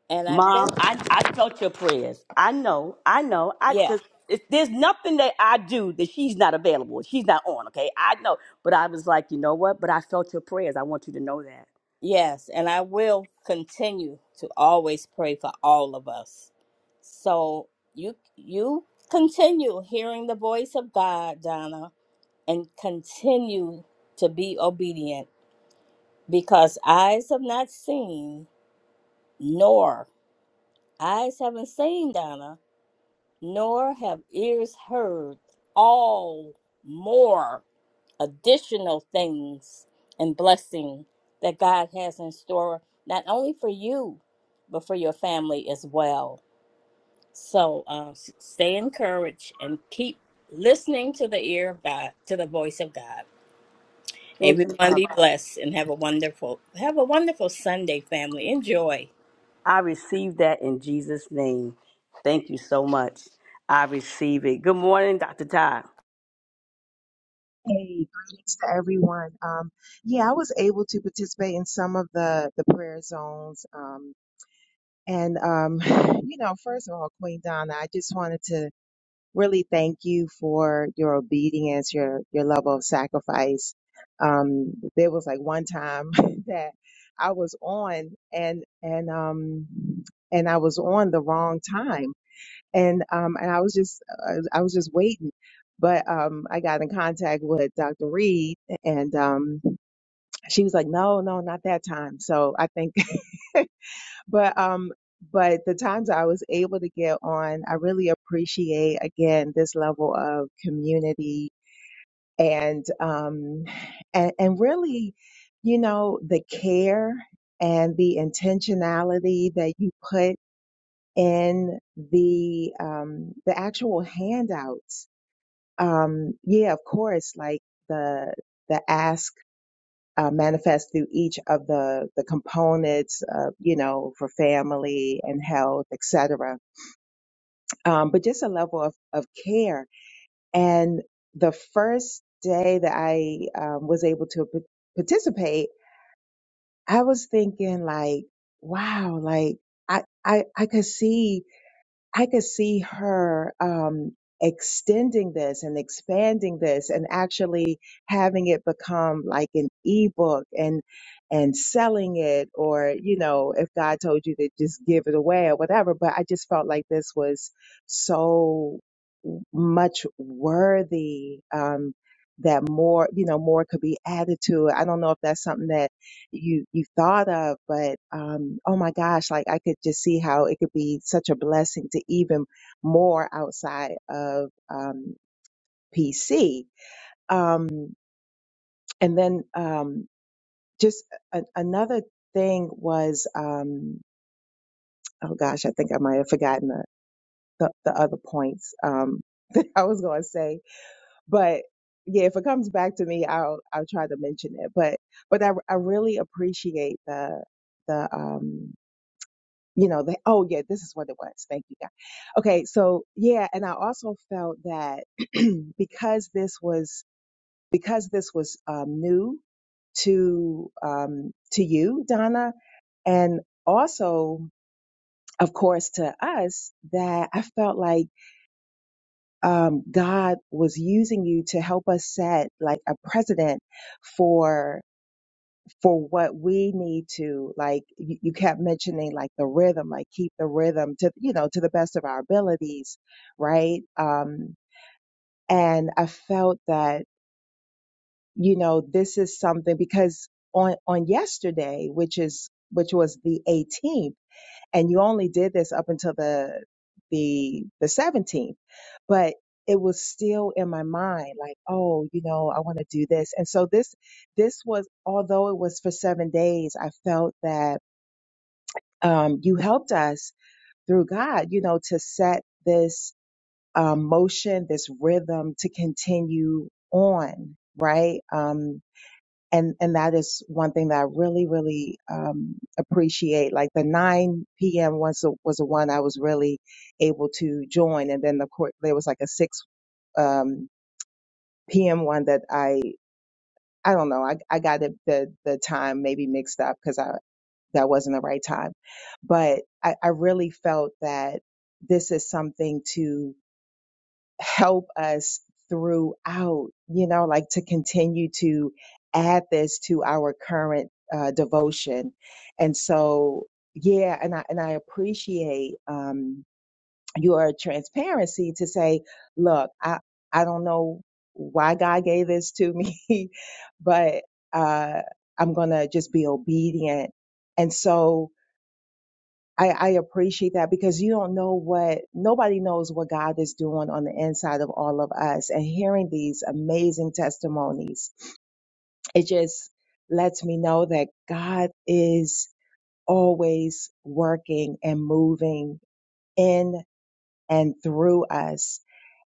B: And I
A: Mom,
B: think
A: I, I felt your prayers. I know, I know. I
B: yeah.
A: cause if there's nothing that I do that she's not available. She's not on, okay? I know. But I was like, you know what? But I felt your prayers. I want you to know that.
B: Yes, and I will continue to always pray for all of us. So you you continue hearing the voice of God, Donna, and continue to be obedient because eyes have not seen nor eyes haven't seen Donna, nor have ears heard all more additional things and blessing that God has in store, not only for you, but for your family as well. So um, s- stay encouraged and keep listening to the ear of God, to the voice of God.
A: Thank you,
B: Everyone
A: Mom.
B: be blessed and have a wonderful, have a wonderful Sunday, family. Enjoy.
A: I received that in Jesus' name. Thank you so much. I receive it. Good morning, Dr. Ty.
G: Hey, greetings to everyone. Um, yeah, I was able to participate in some of the the prayer zones. Um, and um, you know, first of all, Queen Donna, I just wanted to really thank you for your obedience, your your level of sacrifice. Um, there was like one time that I was on and and um and I was on the wrong time and um and I was just uh, I was just waiting. But um I got in contact with Dr. Reed and um she was like, No, no, not that time. So I think but um but the times I was able to get on, I really appreciate again this level of community and um and, and really, you know, the care and the intentionality that you put in the um the actual handouts Um, yeah, of course, like the the ask uh, manifests through each of the the components, uh, you know, for family and health, etc. Um, but just a level of of care. And the first day that I um, was able to p- participate, I was thinking like, wow, like I I I could see. I could see her um, extending this and expanding this and actually having it become like an ebook and and selling it or you know if God told you to just give it away or whatever but I just felt like this was so much worthy um that more you know more could be added to it. I don't know if that's something that you you thought of but um oh my gosh like I could just see how it could be such a blessing to even more outside of um PC um and then um just a- another thing was um oh gosh I think I might have forgotten the the, the other points um I was going to say but yeah if it comes back to me I'll I'll try to mention it but but I I really appreciate the the um you know, they, oh yeah, this is what it was. Thank you, God. Okay, so yeah, and I also felt that because this was because this was um, new to um, to you, Donna, and also, of course, to us, that I felt like um, God was using you to help us set like a precedent for. for what we need to like you, you kept mentioning like the rhythm like keep the rhythm to you know to the best of our abilities right um and i felt that you know this is something because on on yesterday which is which was the 18th and you only did this up until the the the 17th but it was still in my mind like oh you know i want to do this and so this this was although it was for 7 days i felt that um you helped us through god you know to set this um motion this rhythm to continue on right Um, and and that is one thing that I really really um, appreciate. Like the 9 p.m. once was a was the one I was really able to join, and then of course there was like a 6 um, p.m. one that I I don't know I I got it, the the time maybe mixed up because I that wasn't the right time, but I, I really felt that this is something to help us throughout, you know, like to continue to add this to our current uh, devotion. And so, yeah, and I and I appreciate um, your transparency to say, look, I I don't know why God gave this to me, but uh, I'm gonna just be obedient. And so I, I appreciate that because you don't know what nobody knows what God is doing on the inside of all of us and hearing these amazing testimonies. It just lets me know that God is always working and moving in and through us.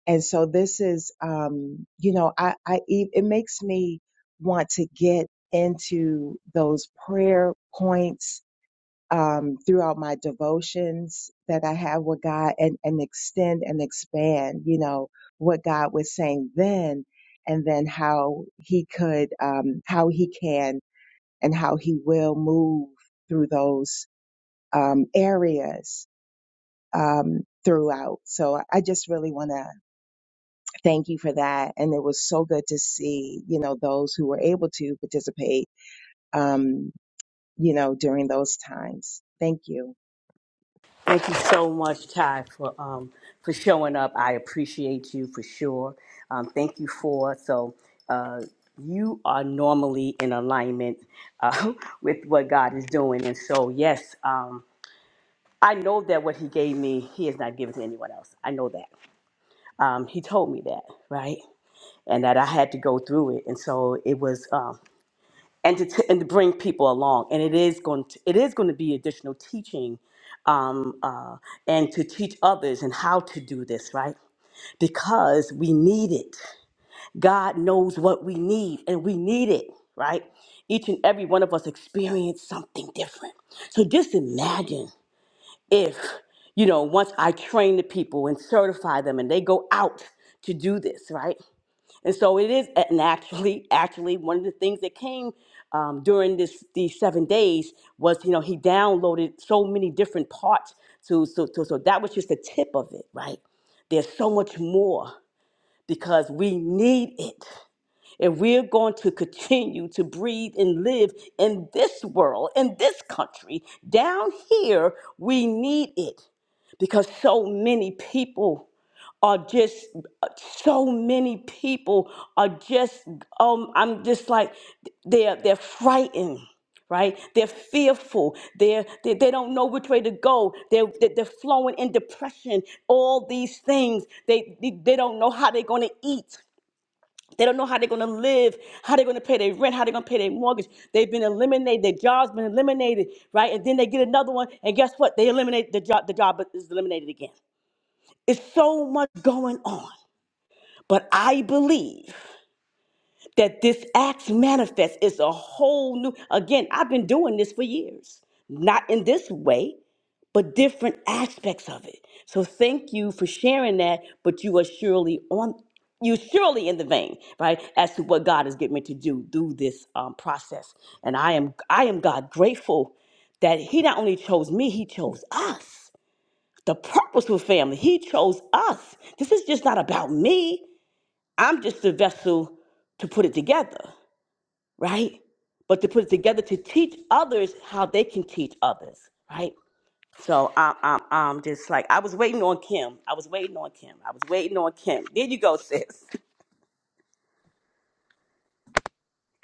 G: And so this is, um, you know, I, I, e- it makes me want to get into those prayer points um, throughout my devotions that I have with God and, and extend and expand, you know, what God was saying then and then how he could, um, how he can and how he will move through those, um, areas, um, throughout. So I just really want to thank you for that. And it was so good to see, you know, those who were able to participate, um, you know, during those times. Thank you.
A: Thank you so much, Ty, for um, for showing up. I appreciate you for sure. Um, thank you for so uh, you are normally in alignment uh, with what God is doing, and so yes, um, I know that what He gave me, He is not giving to anyone else. I know that um, He told me that, right, and that I had to go through it, and so it was. Um, and to, t- and to bring people along. And it is going to, it is going to be additional teaching um, uh, and to teach others and how to do this, right? Because we need it. God knows what we need and we need it, right? Each and every one of us experience something different. So just imagine if, you know, once I train the people and certify them and they go out to do this, right? And so it is, and actually, actually, one of the things that came um, during this these seven days was, you know, he downloaded so many different parts to, so, so, so that was just the tip of it, right? There's so much more because we need it. If we're going to continue to breathe and live in this world, in this country, down here, we need it because so many people are just uh, so many people are just um I'm just like they're they're frightened right they're fearful they're they, they don't know which way to go they're they're they're flowing in depression all these things they they, they don't know how they're going to eat they don't know how they're going to live, how they're going to pay their rent, how they're going to pay their mortgage. They've been eliminated. Their job's been eliminated, right? And then they get another one, and guess what? They eliminate the job. The job is eliminated again. It's so much going on. But I believe that this acts manifest is a whole new, again, I've been doing this for years, not in this way, but different aspects of it. So thank you for sharing that, but you are surely on, you're surely in the vein, right? As to what God is getting me to do through this um, process. And I am, I am God grateful that he not only chose me, he chose us. The purposeful family, he chose us. This is just not about me. I'm just a vessel to put it together, right? But to put it together to teach others how they can teach others, right? So I'm, I'm, I'm just like, I was waiting on Kim. I was waiting on Kim. I was waiting on Kim. There you go, sis.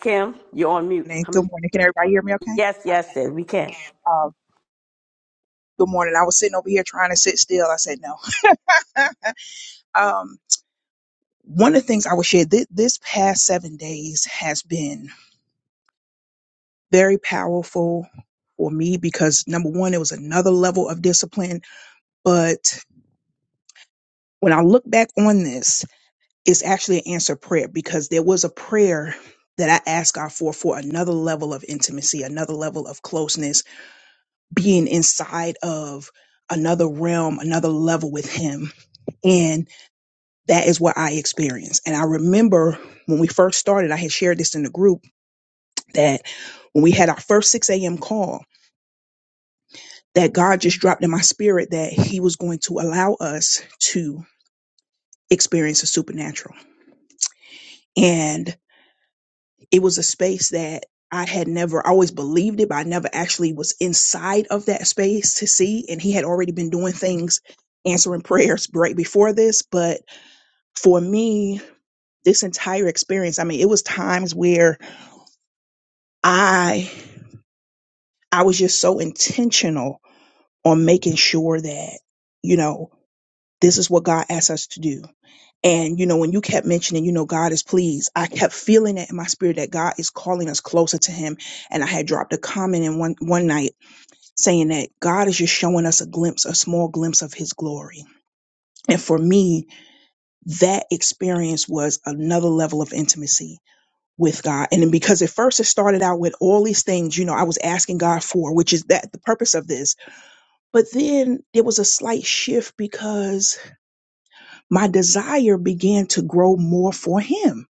A: Kim, you're on mute.
H: morning.
A: I
H: Good
A: mean,
H: morning. Can everybody hear me okay?
A: yes, yes,
H: Okay.
A: sis, we can.
H: Um, good morning. I was sitting over here trying to sit still. I said no. um, one of the things I would share this, this past seven days has been very powerful for me because number one, it was another level of discipline. But when I look back on this, it's actually an answered prayer because there was a prayer that I asked God for for another level of intimacy, another level of closeness, being inside of another realm, another level with Him And that is what I experienced. And I remember when we first started, I had shared this in the group that when we had our first 6 a.m. call, that God just dropped in my spirit that He was going to allow us to experience the supernatural. And it was a space that I had never I always believed it, but I never actually was inside of that space to see. And He had already been doing things, answering prayers right before this. But for me, this entire experience, I mean, it was times where I I was just so intentional on making sure that you know this is what God asks us to do. And you know when you kept mentioning you know God is pleased, I kept feeling it in my spirit that God is calling us closer to Him. And I had dropped a comment in one one night saying that God is just showing us a glimpse, a small glimpse of His glory. And for me, that experience was another level of intimacy with God. And then because at first it started out with all these things, you know, I was asking God for, which is that the purpose of this. But then there was a slight shift because my desire began to grow more for Him.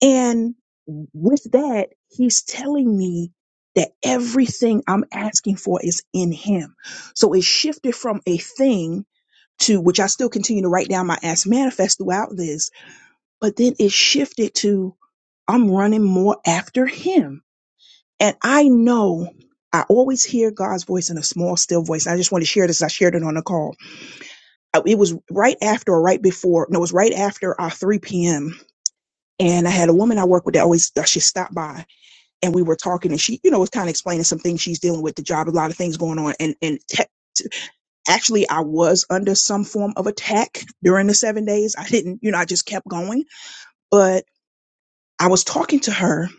H: And with that, He's telling me that everything I'm asking for is in Him. So it shifted from a thing to which I still continue to write down my ask manifest throughout this, but then it shifted to I'm running more after Him And I know I always hear God's voice in a small, still voice. And I just want to share this. I shared it on the call. Uh, It was right after or right before, no, it was right after our 3 p.m. And I had a woman I work with that always, uh, she stopped by and we were talking and she, you know, was kind of explaining some things she's dealing with the job, a lot of things going on. And, and te- actually I was under some form of attack during the seven days. I didn't, you know, I just kept going, but I was talking to her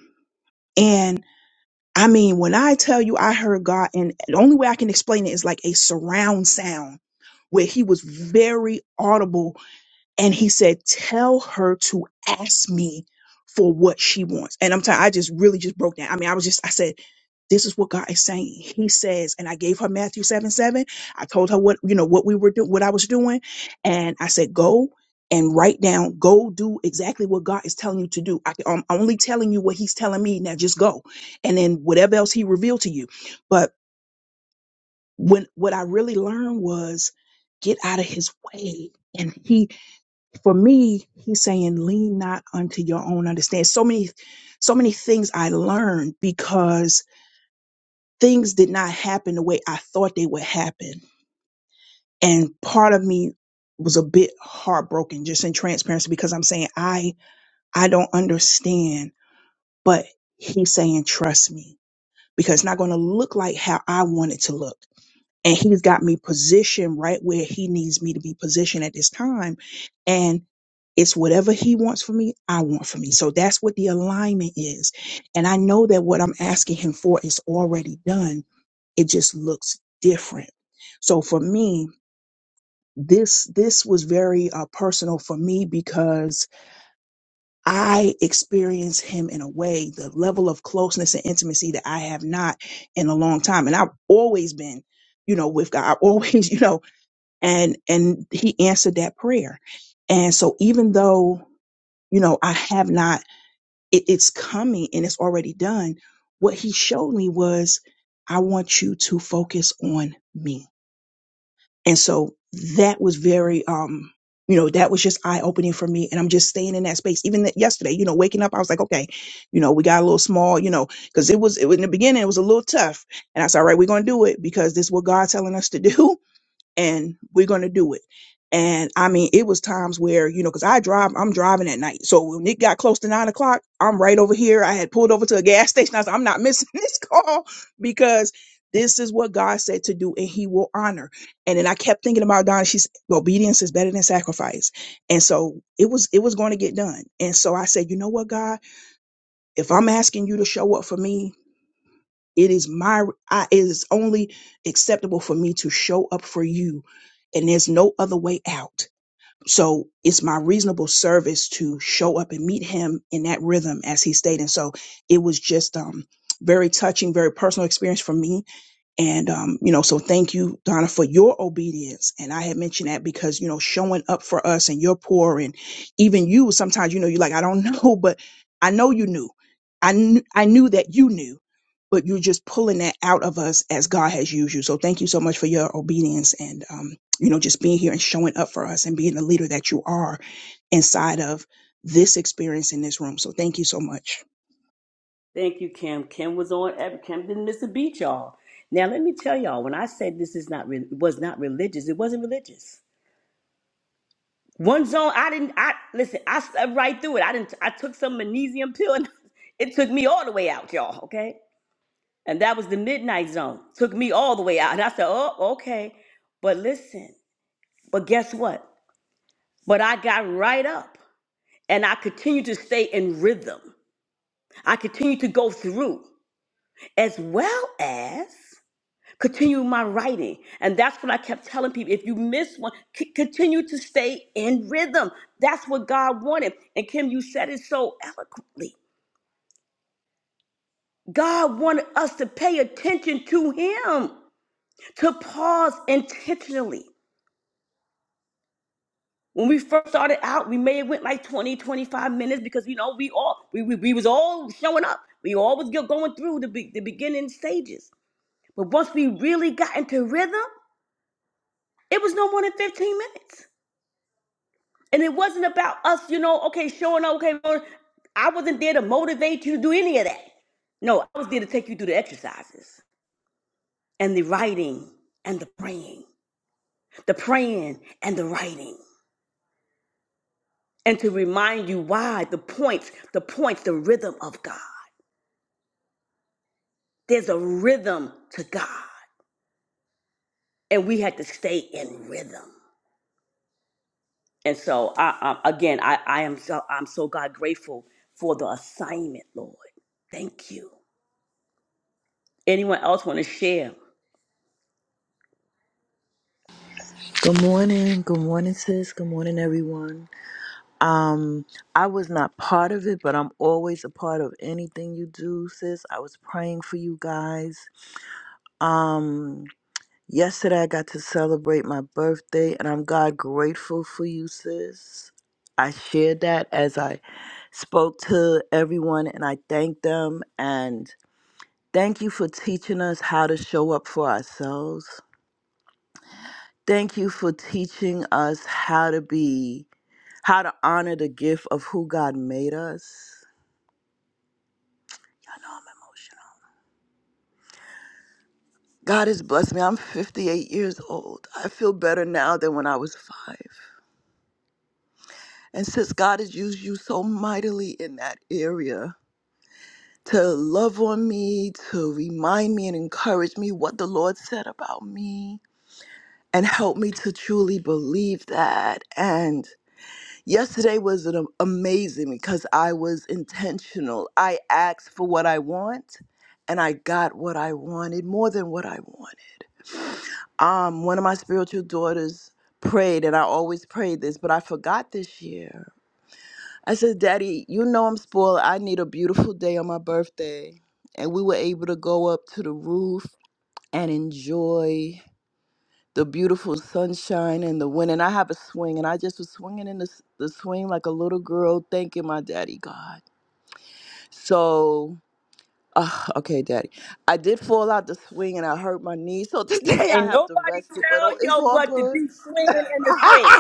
H: I mean, when I tell you I heard God, and the only way I can explain it is like a surround sound where he was very audible and he said, Tell her to ask me for what she wants. And I'm telling I just really just broke down. I mean, I was just, I said, This is what God is saying. He says, and I gave her Matthew 7 7. I told her what, you know, what we were doing, what I was doing. And I said, Go and write down, go do exactly what God is telling you to do. I, I'm only telling you what He's telling me. Now just go. And then whatever else He revealed to you. But when what I really learned was get out of his way. And he for me, he's saying, lean not unto your own understanding. So many, so many things I learned because things did not happen the way I thought they would happen. And part of me was a bit heartbroken just in transparency because I'm saying, I, I don't understand, but he's saying, trust me because it's not going to look like how I want it to look. and he's got me positioned right where he needs me to be positioned at this time and it's whatever he wants for me i want for me so that's what the alignment is and i know that what i'm asking him for is already done it just looks different so for me this this was very uh, personal for me because i experienced him in a way the level of closeness and intimacy that i have not in a long time and i've always been you know with god I've always you know and and he answered that prayer and so even though you know i have not it, it's coming and it's already done what he showed me was i want you to focus on me and so that was very um you know that was just eye opening for me and i'm just staying in that space even that yesterday you know waking up i was like okay you know we got a little small you know because it was it, was- in the beginning it was a little tough and i said all right we're gonna do it because this is what god's telling us to do and we're going to do it. And I mean, it was times where, you know, cause I drive, I'm driving at night. So when it got close to nine o'clock, I'm right over here. I had pulled over to a gas station. I said, I'm not missing this call because this is what God said to do and he will honor. And then I kept thinking about Donna. She's obedience is better than sacrifice. And so it was, it was going to get done. And so I said, you know what, God, if I'm asking you to show up for me, it is my, I, it is only acceptable for me to show up for you, and there's no other way out. So it's my reasonable service to show up and meet him in that rhythm as he stated. And so it was just um very touching, very personal experience for me and, um, you know, so thank you, Donna, for your obedience. And I had mentioned that because, you know, showing up for us and you're poor and even you sometimes, you know, you're like, I don't know, but I know you knew. I, kn- I knew that you knew, but you're just pulling that out of us as God has used you. So thank you so much for your obedience and, um, you know, just being here and showing up for us and being the leader that you are inside of this experience in this room. So thank you so much.
A: Thank you, Kim. Kim was on, every- Kim didn't miss a beat, y'all. Now, let me tell y'all, when I said this is not, re- was not religious, it wasn't religious. One zone, I didn't. I listen. I slept right through it. I didn't. I took some magnesium pill, and it took me all the way out, y'all. Okay, and that was the midnight zone. Took me all the way out, and I said, "Oh, okay." But listen. But guess what? But I got right up, and I continued to stay in rhythm. I continued to go through, as well as continue my writing. And that's what I kept telling people. If you miss one, c- continue to stay in rhythm. That's what God wanted. And Kim, you said it so eloquently. God wanted us to pay attention to Him, to pause intentionally. When we first started out, we may have went like 20, 25 minutes because you know we all we, we, we was all showing up. We all was go- going through the be- the beginning stages. But once we really got into rhythm, it was no more than 15 minutes. And it wasn't about us, you know, okay, showing up, okay, Lord, I wasn't there to motivate you to do any of that. No, I was there to take you through the exercises and the writing and the praying, the praying and the writing, and to remind you why the points, the points, the rhythm of God. There's a rhythm to God, and we had to stay in rhythm. And so, I, I, again, I, I am so I'm so God grateful for the assignment, Lord. Thank you. Anyone else want to share?
I: Good morning. Good morning, sis. Good morning, everyone. Um, I was not part of it, but I'm always a part of anything you do, sis. I was praying for you guys. Um, yesterday I got to celebrate my birthday, and I'm God grateful for you, sis. I shared that as I spoke to everyone, and I thanked them. And thank you for teaching us how to show up for ourselves. Thank you for teaching us how to be how to honor the gift of who God made us. Y'all know I'm emotional. God has blessed me. I'm 58 years old. I feel better now than when I was five. And since God has used you so mightily in that area to love on me, to remind me and encourage me what the Lord said about me, and help me to truly believe that. And Yesterday was an, amazing because I was intentional. I asked for what I want and I got what I wanted more than what I wanted. Um, one of my spiritual daughters prayed, and I always prayed this, but I forgot this year. I said, Daddy, you know I'm spoiled. I need a beautiful day on my birthday. And we were able to go up to the roof and enjoy the beautiful sunshine and the wind. And I have a swing, and I just was swinging in the, s- the swing like a little girl, thanking my daddy God. So, ah, okay, daddy, I did fall out the swing and I hurt my knee. So today I
A: Ain't
I: have to
A: nobody
I: rest it, but oh,
A: tell
I: it's
A: yo
I: all
A: but to
I: good.
A: be swinging in the swing.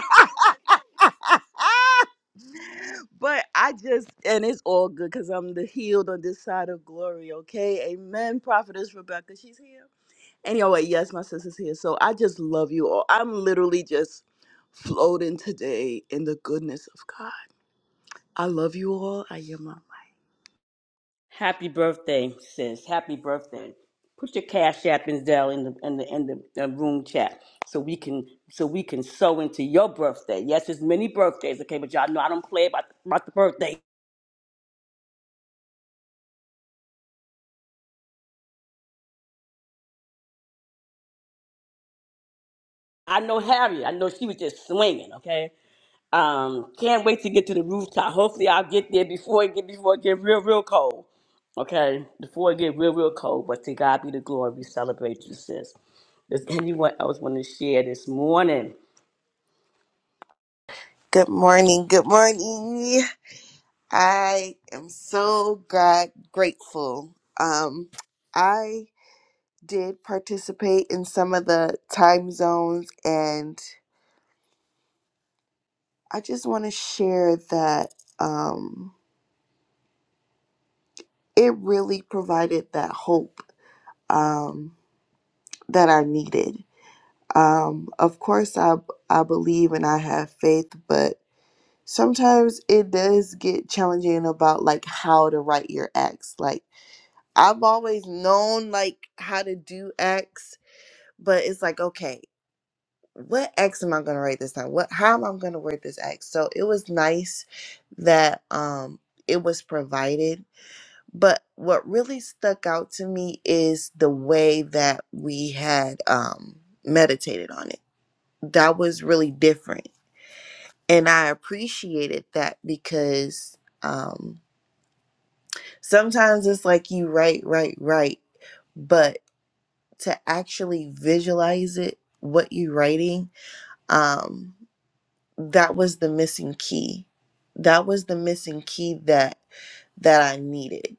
I: But I just, and it's all good because I'm the healed on this side of glory, okay? Amen. Prophetess Rebecca, she's here. Anyway, yes, my sister's here. So I just love you all. I'm literally just floating today in the goodness of God. I love you all. I am my
A: Happy birthday, sis. Happy birthday. Put your cash app and Zelle in the in the in the uh, room chat so we can so we can sew into your birthday. Yes, there's many birthdays, okay, but y'all know I don't play about about the birthday. I know Harriet. I know she was just swinging, okay. Um, can't wait to get to the rooftop. Hopefully, I'll get there before it get before it get real, real cold. Okay, before it get real, real cold. But to God be the glory. We celebrate you, sis. Does anyone else want to share this morning?
J: Good morning. Good morning. I am so glad, grateful. Um, I did participate in some of the time zones, and I just want to share that um, it really provided that hope um, that I needed. Um, of course, I I believe and I have faith, but sometimes it does get challenging about like how to write your acts, like I've always known like how to do X, but it's like, okay, what X am I gonna write this time? What how am I gonna word this X? So it was nice that um it was provided. But what really stuck out to me is the way that we had um meditated on it. That was really different. And I appreciated that because um sometimes it's like you write, write, write but to actually visualize it, what you're writing, um, that was the missing key. That was the missing key that that I needed.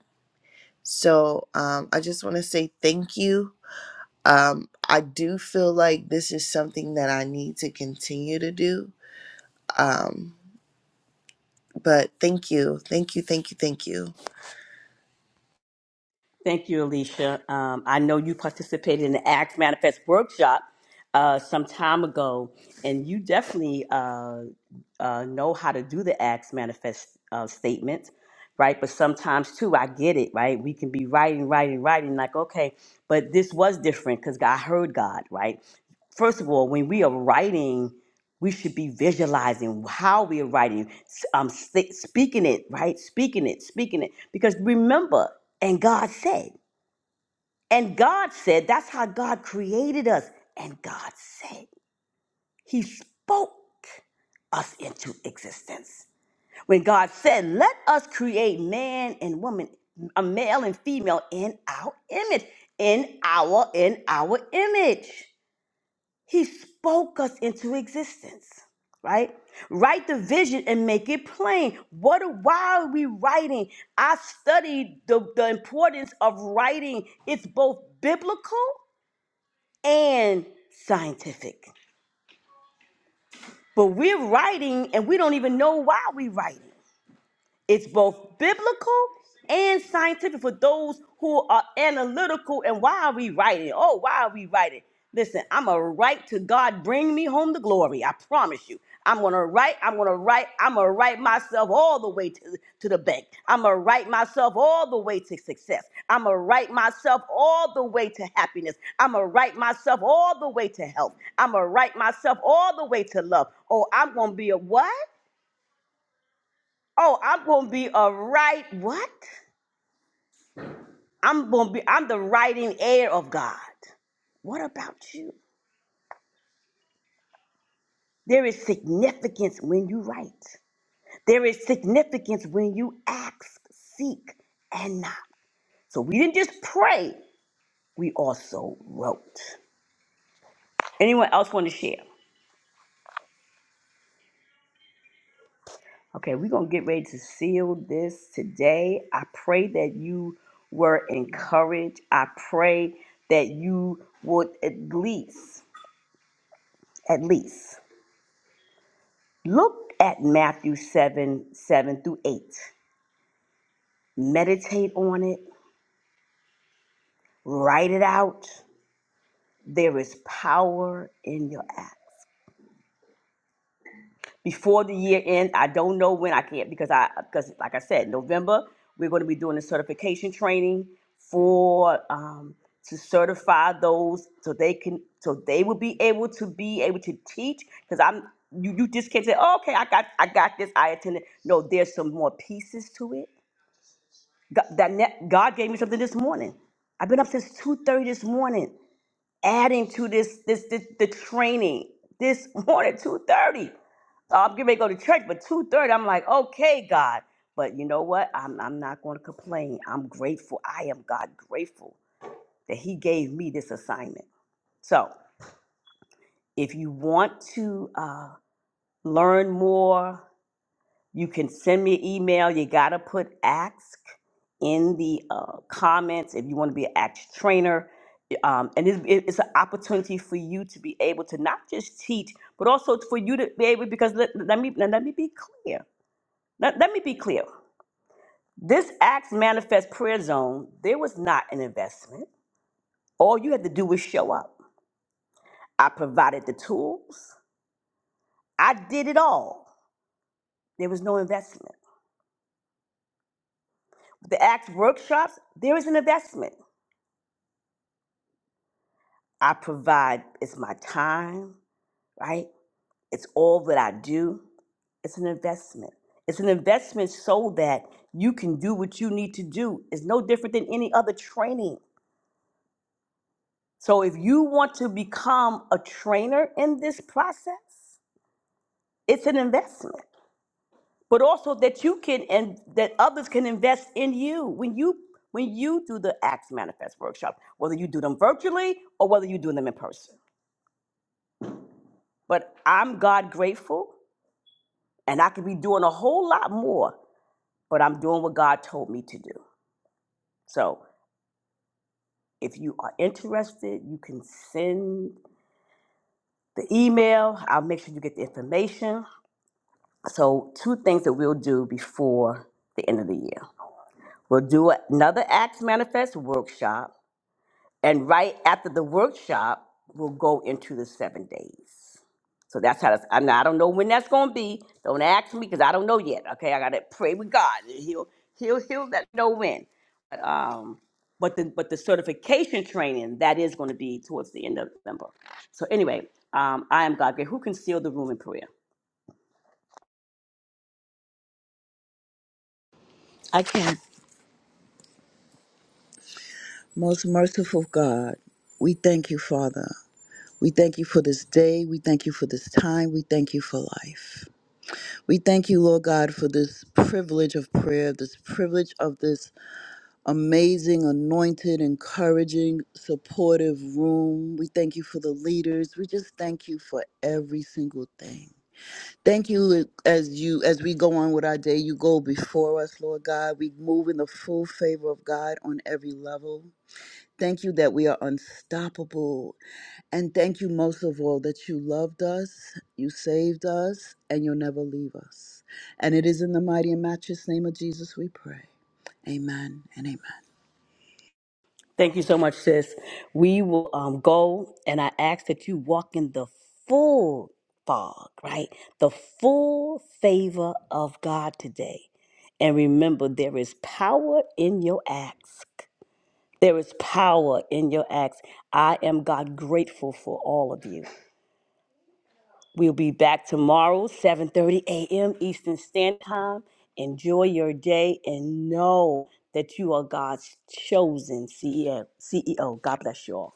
J: So um, I just want to say thank you. Um, I do feel like this is something that I need to continue to do. Um, but thank you, thank you, thank you, thank you.
A: Thank you, Alicia. Um, I know you participated in the Acts Manifest workshop uh, some time ago, and you definitely uh, uh, know how to do the Acts manifest uh, statement, right? But sometimes too, I get it, right? We can be writing, writing, writing, like, okay, but this was different because I heard God, right? First of all, when we are writing, we should be visualizing how we're writing, um, sti- speaking it, right? Speaking it, speaking it. Because remember, and God said, and God said, that's how God created us. And God said, He spoke us into existence. When God said, let us create man and woman, a male and female in our image, in our, in our image. He spoke us into existence, right? Write the vision and make it plain. What why are we writing? I studied the, the importance of writing. It's both biblical and scientific. But we're writing and we don't even know why we're writing. It's both biblical and scientific for those who are analytical. And why are we writing? Oh, why are we writing? Listen, I'm a write to God. Bring me home the glory. I promise you. I'm gonna write. I'm gonna write. I'm gonna write myself all the way to, to the bank. I'm gonna write myself all the way to success. I'm gonna write myself all the way to happiness. I'm gonna write myself all the way to health. I'm gonna write myself all the way to love. Oh, I'm gonna be a what? Oh, I'm gonna be a right what? I'm gonna be I'm the writing heir of God. What about you? There is significance when you write. There is significance when you ask, seek, and knock. So we didn't just pray, we also wrote. Anyone else want to share? Okay, we're going to get ready to seal this today. I pray that you were encouraged. I pray that you would at least, at least Look at Matthew 7 7 through 8. Meditate on it, write it out. There is power in your act. Before the year end, I don't know when I can't because I because like I said, November we're going to be doing the certification training for um, to certify those so they can so they will be able to be able to teach because I'm you, you just can't say oh, okay I got I got this I attended no there's some more pieces to it God, that ne- God gave me something this morning. I've been up since two thirty this morning, adding to this this, this the training this morning two thirty. So I'm getting ready to go to church, but two thirty, I'm like, okay, God. But you know what? I'm I'm not going to complain. I'm grateful. I am God grateful that He gave me this assignment. So if you want to uh, learn more, You can send me an email. You got to put ask in the uh, comments if you want to be an axe trainer. Um, and it's, it's an opportunity for you to be able to not just teach, but also for you to be able, because let, let me, now let me be clear. Let, let me be clear. This Acts Manifest Prayer Zone, there was not an investment. All you had to do was show up. I provided the tools. I did it all. There was no investment. The Acts workshops, there is an investment. I provide, it's my time, right? It's all that I do. It's an investment. It's an investment so that you can do what you need to do. It's no different than any other training. So if you want to become a trainer in this process, it's an investment. But also that you can and that others can invest in you. When you when you do the Acts Manifest workshop, whether you do them virtually or whether you do them in person. But I'm God grateful And I could be doing a whole lot more, but I'm doing what God told me to do. So if you are interested, you can send the email. I'll make sure you get the information. So, two things that we'll do before the end of the year we'll do another Acts Manifest workshop. And right after the workshop, we'll go into the seven days. So that's how that's, I, I don't know when that's going to be. Don't ask me because I don't know yet. Okay, I got to pray with God. and He'll he'll he'll let know when. But um, but the but the certification training that is going to be towards the end of November. So anyway, um, I am God. Who can seal the room in prayer?
I: I can. Most merciful God, we thank you, Father. We thank you for this day. We thank you for this time. We thank you for life. We thank you, Lord God, for this privilege of prayer, this privilege of this amazing, anointed, encouraging, supportive room. We thank you for the leaders. We just thank you for every single thing. Thank you as you as we go on with our day, you go before us, Lord God. We move in the full favor of God on every level. Thank you that we are unstoppable. And thank you most of all that you loved us, you saved us, and you'll never leave us. And it is in the mighty and matchless name of Jesus we pray. Amen and amen.
A: Thank you so much, sis. We will um, go, and I ask that you walk in the full fog, right? The full favor of God today. And remember, there is power in your ask. There is power in your acts. I am God grateful for all of you. We'll be back tomorrow, 7:30 a.m. Eastern Standard Time. Enjoy your day and know that you are God's chosen CEO. CEO. God bless you all.